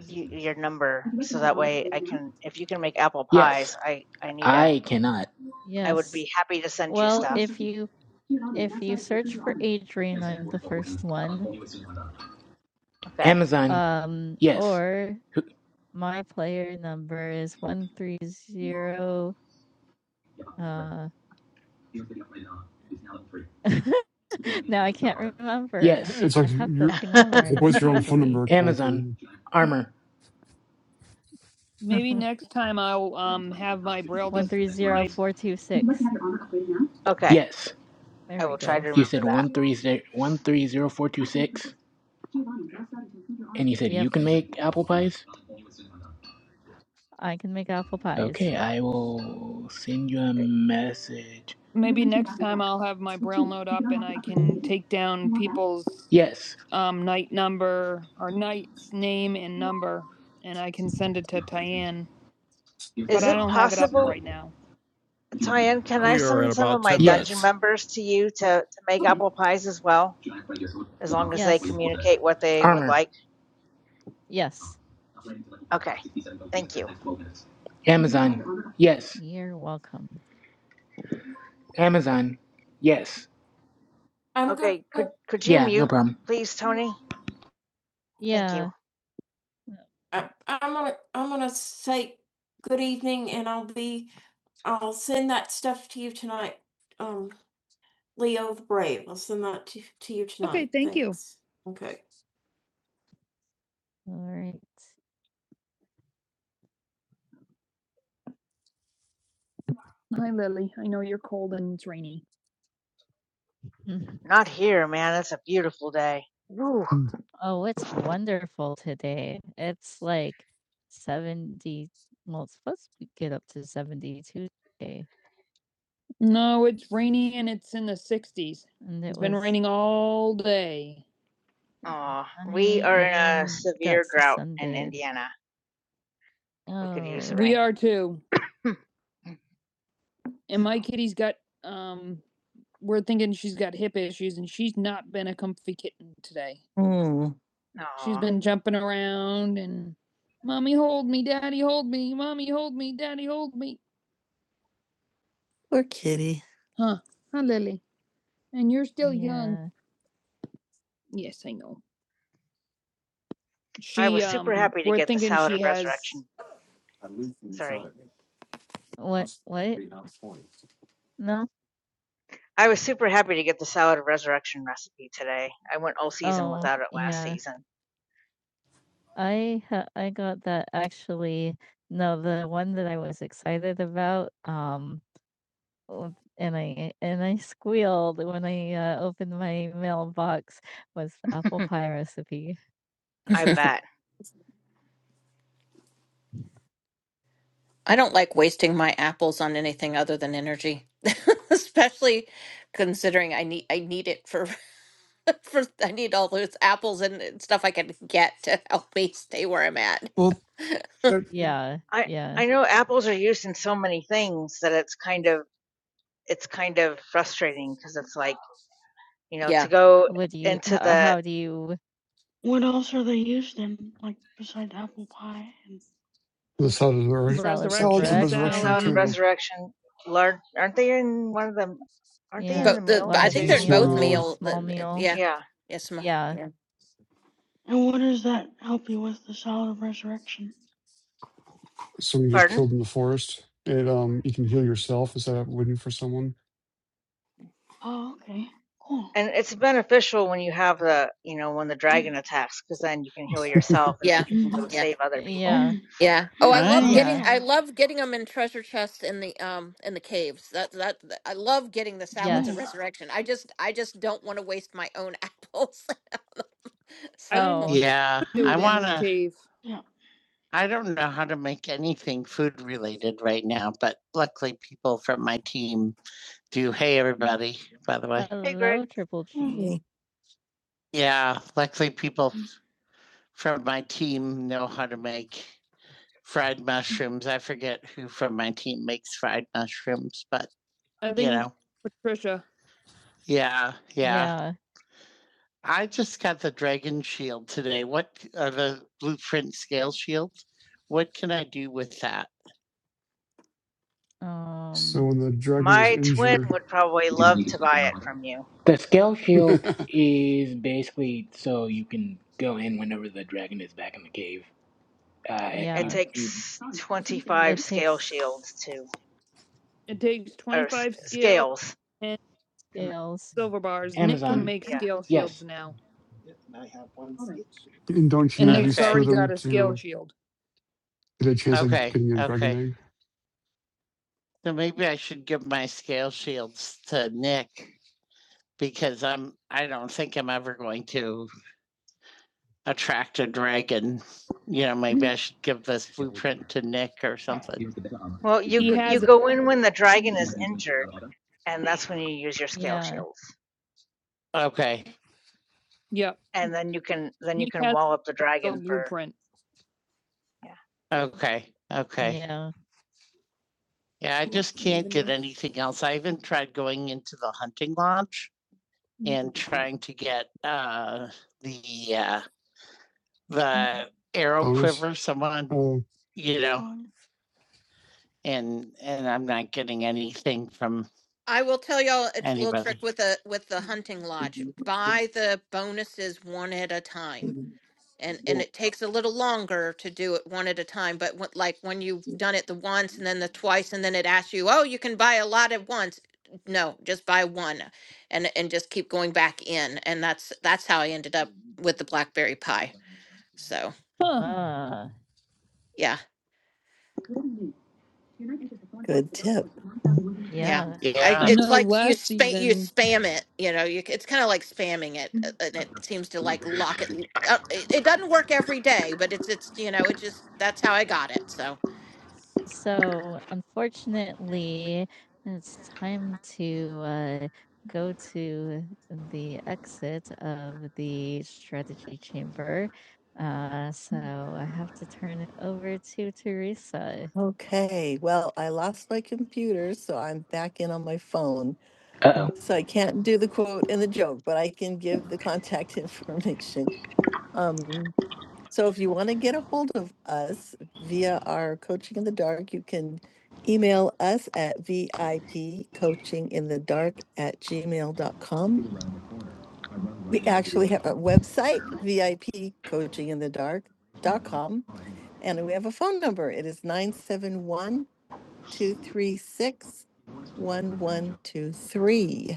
Speaker 4: y- your number
Speaker 5: Would you like to
Speaker 4: so
Speaker 5: have your
Speaker 4: that
Speaker 5: armor
Speaker 4: way I
Speaker 5: upgraded now?
Speaker 4: can if you can make apple
Speaker 5: Yes.
Speaker 4: pies, I I need a
Speaker 5: I cannot.
Speaker 4: I would
Speaker 1: yes.
Speaker 4: be happy to send you
Speaker 1: Well,
Speaker 5: Upgrade
Speaker 4: stuff.
Speaker 1: if you
Speaker 5: your armor armor. is now.
Speaker 1: if you
Speaker 5: Starting to improve
Speaker 1: search
Speaker 5: your
Speaker 1: for
Speaker 5: armor.
Speaker 1: Adrian, I'm the first one.
Speaker 4: Okay.
Speaker 5: Amazon.
Speaker 1: Um,
Speaker 5: Yes.
Speaker 1: or
Speaker 5: Who-
Speaker 1: my player number is 130, uh, now I can't remember.
Speaker 5: Yes.
Speaker 2: It's
Speaker 1: I
Speaker 2: like
Speaker 1: have that
Speaker 2: your,
Speaker 1: thing
Speaker 2: it's like
Speaker 5: No
Speaker 2: what's
Speaker 1: memorized
Speaker 2: your own
Speaker 5: problem.
Speaker 2: phone
Speaker 1: usually.
Speaker 2: number kind of
Speaker 5: Amazon
Speaker 2: thing.
Speaker 5: armor.
Speaker 1: Maybe next time I'll um have my braille. One dis- like- four two
Speaker 5: Would you like to
Speaker 1: six.
Speaker 5: have your armor upgraded now?
Speaker 4: Okay.
Speaker 5: Yes.
Speaker 1: There
Speaker 4: I
Speaker 1: we
Speaker 4: will try to
Speaker 1: go.
Speaker 5: You
Speaker 4: remember
Speaker 5: said
Speaker 4: that.
Speaker 5: one three zero one three zero four two six, Giovanni is now starting to include your armor. and you said you
Speaker 1: Yep,
Speaker 5: can
Speaker 1: I can make apple pies.
Speaker 5: Okay, I will send you a
Speaker 4: Okay.
Speaker 5: message. You have
Speaker 1: Maybe
Speaker 5: 19
Speaker 1: next
Speaker 5: diamonds
Speaker 1: time
Speaker 5: left.
Speaker 1: I'll have my
Speaker 5: With
Speaker 1: braille
Speaker 5: two,
Speaker 1: note
Speaker 5: you can
Speaker 1: up and
Speaker 5: unlock the
Speaker 1: I
Speaker 5: upgrade
Speaker 1: can
Speaker 5: immediately. Do
Speaker 1: take down
Speaker 5: you want that?
Speaker 1: people's
Speaker 5: Yes.
Speaker 1: um night number or night's name and number, and I can send it to Tyann. But
Speaker 4: Is
Speaker 1: I
Speaker 4: it
Speaker 1: don't have it up
Speaker 4: possible?
Speaker 1: right now.
Speaker 4: Tyann, can I
Speaker 1: We are at
Speaker 4: summon some of
Speaker 1: about
Speaker 4: my
Speaker 1: 10
Speaker 4: dungeon
Speaker 1: minutes.
Speaker 5: Yes.
Speaker 4: members to you to, to make
Speaker 5: Okay.
Speaker 4: apple pies as well? As long as they
Speaker 1: Yes,
Speaker 4: communicate what they would
Speaker 5: Armor.
Speaker 4: like.
Speaker 1: yes.
Speaker 4: Okay. Thank you.
Speaker 5: Amazon. Would you like to have Amazon. your armor up? Yes.
Speaker 1: You're welcome.
Speaker 5: Amazon. Yes.
Speaker 4: Okay, could could you
Speaker 5: Yeah, no
Speaker 4: mute,
Speaker 5: problem.
Speaker 4: please, Tony? Thank you.
Speaker 1: Yeah. I, I'm gonna I'm gonna say good evening No, Okay, thank thanks. you. Okay. All right. Hi, Lily. I know you're cold and it's rainy.
Speaker 4: Not here, man. It's a beautiful day. Woo.
Speaker 1: Oh, it's wonderful today. It's like 70. Well, it's supposed to get up to 72 today. No, it's rainy and it's in the 60s. And it It's was been raining all day. It was
Speaker 4: Aw. We are
Speaker 1: sunny
Speaker 4: in a
Speaker 1: and got
Speaker 4: severe
Speaker 1: to
Speaker 4: drought in
Speaker 1: sunbathe.
Speaker 4: Indiana. We could use
Speaker 1: Oh,
Speaker 4: the
Speaker 1: We
Speaker 4: rain.
Speaker 1: are too.
Speaker 4: so
Speaker 1: And my kitty's got um we're thinking she's got hip issues and she's not been a comfy kitten today. Hmm. She's
Speaker 4: aw.
Speaker 1: been jumping around and mommy hold me, daddy hold me, mommy hold me, daddy hold me. Poor kitty. Huh, Hi, Lily? And you're still yeah. young. Yeah. Yes, I know.
Speaker 4: I
Speaker 1: She
Speaker 4: was super
Speaker 1: um
Speaker 4: happy to
Speaker 1: we're
Speaker 4: get the
Speaker 1: thinking
Speaker 4: salad
Speaker 1: she
Speaker 4: of
Speaker 1: has
Speaker 4: resurrection. Sorry.
Speaker 1: What? What? No.
Speaker 4: I was super happy to get the salad of resurrection recipe today. I went all season
Speaker 1: Oh,
Speaker 4: without it last
Speaker 1: yeah.
Speaker 4: season.
Speaker 1: I ha- I got that actually. No, the one that I was excited about. Um, Oh, and I and I squealed when I, uh, opened my mailbox with the apple pie recipe.
Speaker 4: I bet.
Speaker 3: I don't like wasting my apples on anything other than energy, especially considering I need I need it for. For I need all those apples and and stuff I can get to help me stay where I'm at.
Speaker 2: Well, that
Speaker 1: Yeah,
Speaker 4: I
Speaker 1: yeah.
Speaker 4: I know apples are used in so many things that it's kind of it's kind of frustrating because it's like you know
Speaker 3: Yeah,
Speaker 4: to go
Speaker 1: What do you
Speaker 4: into
Speaker 1: how
Speaker 4: the
Speaker 1: how do you
Speaker 2: the salad of the res-
Speaker 1: salad
Speaker 2: salads of
Speaker 1: Resurrection salad.
Speaker 2: resurrection
Speaker 4: salad of
Speaker 1: resurrection?
Speaker 2: too.
Speaker 4: resurrection. Large, aren't they in one of them? Aren't they
Speaker 1: Yeah,
Speaker 4: in the
Speaker 3: but the but
Speaker 4: meals
Speaker 3: I
Speaker 1: large
Speaker 2: It's
Speaker 3: think
Speaker 2: a
Speaker 3: they're in
Speaker 4: too?
Speaker 2: small
Speaker 3: both
Speaker 1: meal,
Speaker 2: meal.
Speaker 3: meal.
Speaker 1: small
Speaker 3: the- the-
Speaker 1: meal.
Speaker 3: Yeah,
Speaker 4: Yeah.
Speaker 3: yes, ma-
Speaker 1: Yeah,
Speaker 3: yeah,
Speaker 2: Someone get
Speaker 4: Pardon.
Speaker 2: killed in the forest. It um, you can heal yourself instead of waiting for someone.
Speaker 4: And it's beneficial when you have the you know when the dragon attacks because then you can heal yourself and
Speaker 3: yeah,
Speaker 4: then you can go
Speaker 3: yeah,
Speaker 4: save other people.
Speaker 1: yeah,
Speaker 3: yeah.
Speaker 1: Oh
Speaker 3: Oh, I
Speaker 1: I
Speaker 3: love
Speaker 1: Oh
Speaker 3: getting I
Speaker 1: yeah,
Speaker 3: love getting them in treasure chests in the um in the caves. That that that- I love getting the
Speaker 1: yeah.
Speaker 3: salads
Speaker 1: Oh.
Speaker 3: of
Speaker 1: yes.
Speaker 3: resurrection. I just I just don't want to waste my own apples.
Speaker 1: I didn't
Speaker 3: so
Speaker 1: Oh, yeah, do I it in the
Speaker 3: yeah.
Speaker 1: wanna cave. I don't know how to make anything food related right now, but luckily people from my team do. Hey, everybody, by the way.
Speaker 4: Hey, Greg.
Speaker 1: Hello, Triple G. Yeah, luckily people from know how to make mushroom. It, I, uh, I think you know, Patricia. yeah, that. yeah. Uh, Um.
Speaker 2: So when the dragon is
Speaker 4: My twin
Speaker 2: injured,
Speaker 4: would probably love to buy it from you.
Speaker 5: The scale shield
Speaker 2: and
Speaker 5: is basically so you can go in whenever the dragon is back in the cave. Uh,
Speaker 4: It
Speaker 5: you
Speaker 1: Yeah.
Speaker 5: you.
Speaker 4: takes
Speaker 5: Sorry, can you say that
Speaker 4: 25
Speaker 1: It
Speaker 5: again?
Speaker 4: scale shields
Speaker 1: takes
Speaker 4: to,
Speaker 1: It takes
Speaker 4: or s-
Speaker 1: 25 scale
Speaker 4: scales to, m-
Speaker 1: scales. silver bars. Nick
Speaker 5: Amazon.
Speaker 1: can
Speaker 5: Sorry,
Speaker 1: make
Speaker 4: yeah.
Speaker 5: I don't...
Speaker 1: scale shields
Speaker 5: Yes.
Speaker 1: now. Yeah, and I have one
Speaker 5: All right.
Speaker 1: scale shield.
Speaker 2: don't you
Speaker 1: And
Speaker 2: need
Speaker 1: okay.
Speaker 2: at
Speaker 1: Nick's
Speaker 2: least
Speaker 1: Okay.
Speaker 2: two of
Speaker 1: already
Speaker 2: them
Speaker 1: got a scale
Speaker 2: to
Speaker 1: shield.
Speaker 2: get a chance at
Speaker 1: Okay,
Speaker 2: getting a dragon
Speaker 1: okay.
Speaker 2: egg
Speaker 1: So maybe I should give my scale shields to Nick. because. Maybe I should or something.
Speaker 4: Well, you
Speaker 1: He
Speaker 4: g- you
Speaker 1: has it.
Speaker 4: go in when the dragon is injured, and that's when you use your scale
Speaker 1: Yeah.
Speaker 4: shields,
Speaker 1: Yep.
Speaker 4: and then you can then you
Speaker 1: Nick
Speaker 4: can
Speaker 1: has
Speaker 4: wall up the
Speaker 1: a
Speaker 4: dragon for
Speaker 1: blueprint. Okay. Okay. Yeah. I just can't get anything else. I even tried going into the hunting lodge and trying to get uh yeah, the arrow quid,
Speaker 2: bonus? Oh,
Speaker 1: you know, and and I'm not getting
Speaker 3: I will tell y'all a t- little trick
Speaker 1: anybody.
Speaker 3: with the with the hunting lodge. Buy the bonuses one at a time and and it takes a little longer to do it one at a time but when, like when you've done it the once and then the twice and then it asks you oh you can buy a lot at once no just buy one and and just keep going back in and that's that's how i ended up with the blackberry pie so
Speaker 1: Huh. Ah,
Speaker 3: yeah
Speaker 5: Good news. Your night enters the form path
Speaker 1: Good
Speaker 5: of the dark
Speaker 1: tip.
Speaker 5: forest with nine thousand one hundred two health
Speaker 3: yeah
Speaker 1: yeah.
Speaker 5: points.
Speaker 1: yeah.
Speaker 3: I,
Speaker 1: I Yeah.
Speaker 3: it's
Speaker 1: know
Speaker 3: like you
Speaker 1: last
Speaker 3: spam you
Speaker 1: season
Speaker 3: spam it you know you, c- it's kind of like spamming it uh, and it seems to like lock it l- uh, it, it doesn't work every day but it's it's you know it just that's how i got it so
Speaker 1: So, unfortunately, it's time to uh, go to the exit of the strategy chamber. Uh, so, Mm. I have to turn it over to Teresa. Okay, well, I lost my computer, so I'm back in on my phone.
Speaker 5: Uh
Speaker 1: So I can't do the quote and the joke, but I can give the contact information. Um, so if you want to get a hold of us via our coaching in the dark, you can email us at VIP at gmail.com. We actually have a website, VIP coaching in and we have a phone number. It is nine seven one, two three six one one two three.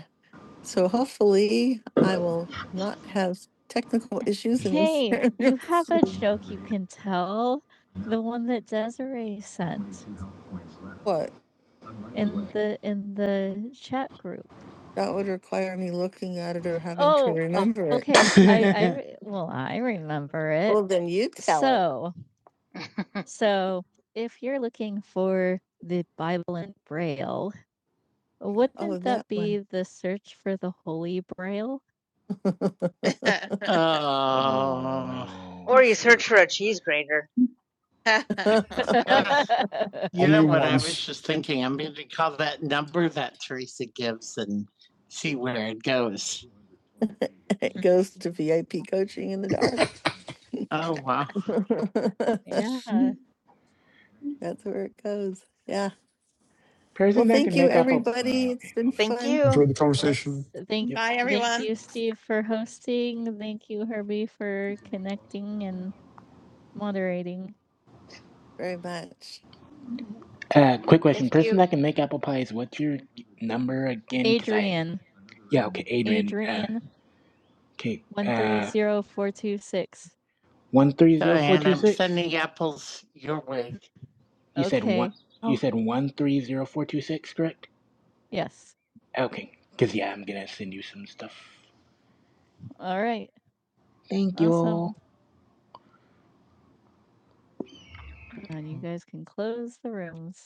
Speaker 1: So hopefully I will not have technical issues in this. Hey, you have a joke you can tell. The one that Desiree sent What? in the in the chat group. That would require me looking at it or having to Oh, oh, remember it. okay. I I
Speaker 5: oh.
Speaker 1: re- well, I remember it. Well, then you tell it. So,
Speaker 4: yeah.
Speaker 1: so if you're looking for the Bible in Braille, Oh, wouldn't that that one. be the search for the Holy Braille?
Speaker 5: oh no.
Speaker 4: or you
Speaker 5: Ugh.
Speaker 4: search for a cheese grater.
Speaker 5: What?
Speaker 1: It You know
Speaker 2: only
Speaker 1: what I
Speaker 2: once.
Speaker 1: was, It goes to VIP coaching in the dark. oh, wow. Yeah. That's where it goes. Yeah. Well,
Speaker 5: Person that can
Speaker 1: Thank
Speaker 5: make
Speaker 1: you.
Speaker 5: apple. Uh,
Speaker 1: everybody. It's
Speaker 5: okay,
Speaker 1: been
Speaker 5: hold on.
Speaker 4: Thank
Speaker 1: fun.
Speaker 4: you,
Speaker 2: Enjoyed the
Speaker 1: Yes.
Speaker 2: conversation.
Speaker 1: Thank
Speaker 5: Yep.
Speaker 3: Bye,
Speaker 1: thank
Speaker 3: everyone.
Speaker 1: you, Steve, for hosting. Thank you, Herbie, for connecting and moderating. Very much.
Speaker 5: Uh, quick question.
Speaker 4: thank you.
Speaker 5: Person that can make apple pies. What's your number again? Cause I.
Speaker 1: Adrian.
Speaker 5: Yeah. Okay, Adrian. Uh,
Speaker 1: Adrian
Speaker 5: okay.
Speaker 1: one three
Speaker 5: Uh.
Speaker 1: zero four two six.
Speaker 5: One three zero four
Speaker 1: And
Speaker 5: two
Speaker 1: I'm
Speaker 5: six.
Speaker 1: sending apples your way.
Speaker 5: You said one.
Speaker 1: Okay.
Speaker 5: You said one three zero four two six, correct?
Speaker 1: Yes.
Speaker 5: Okay. Cause yeah, I'm gonna send you some stuff.
Speaker 1: All right.
Speaker 5: Thank you.
Speaker 1: Awesome. And you guys can close the rooms.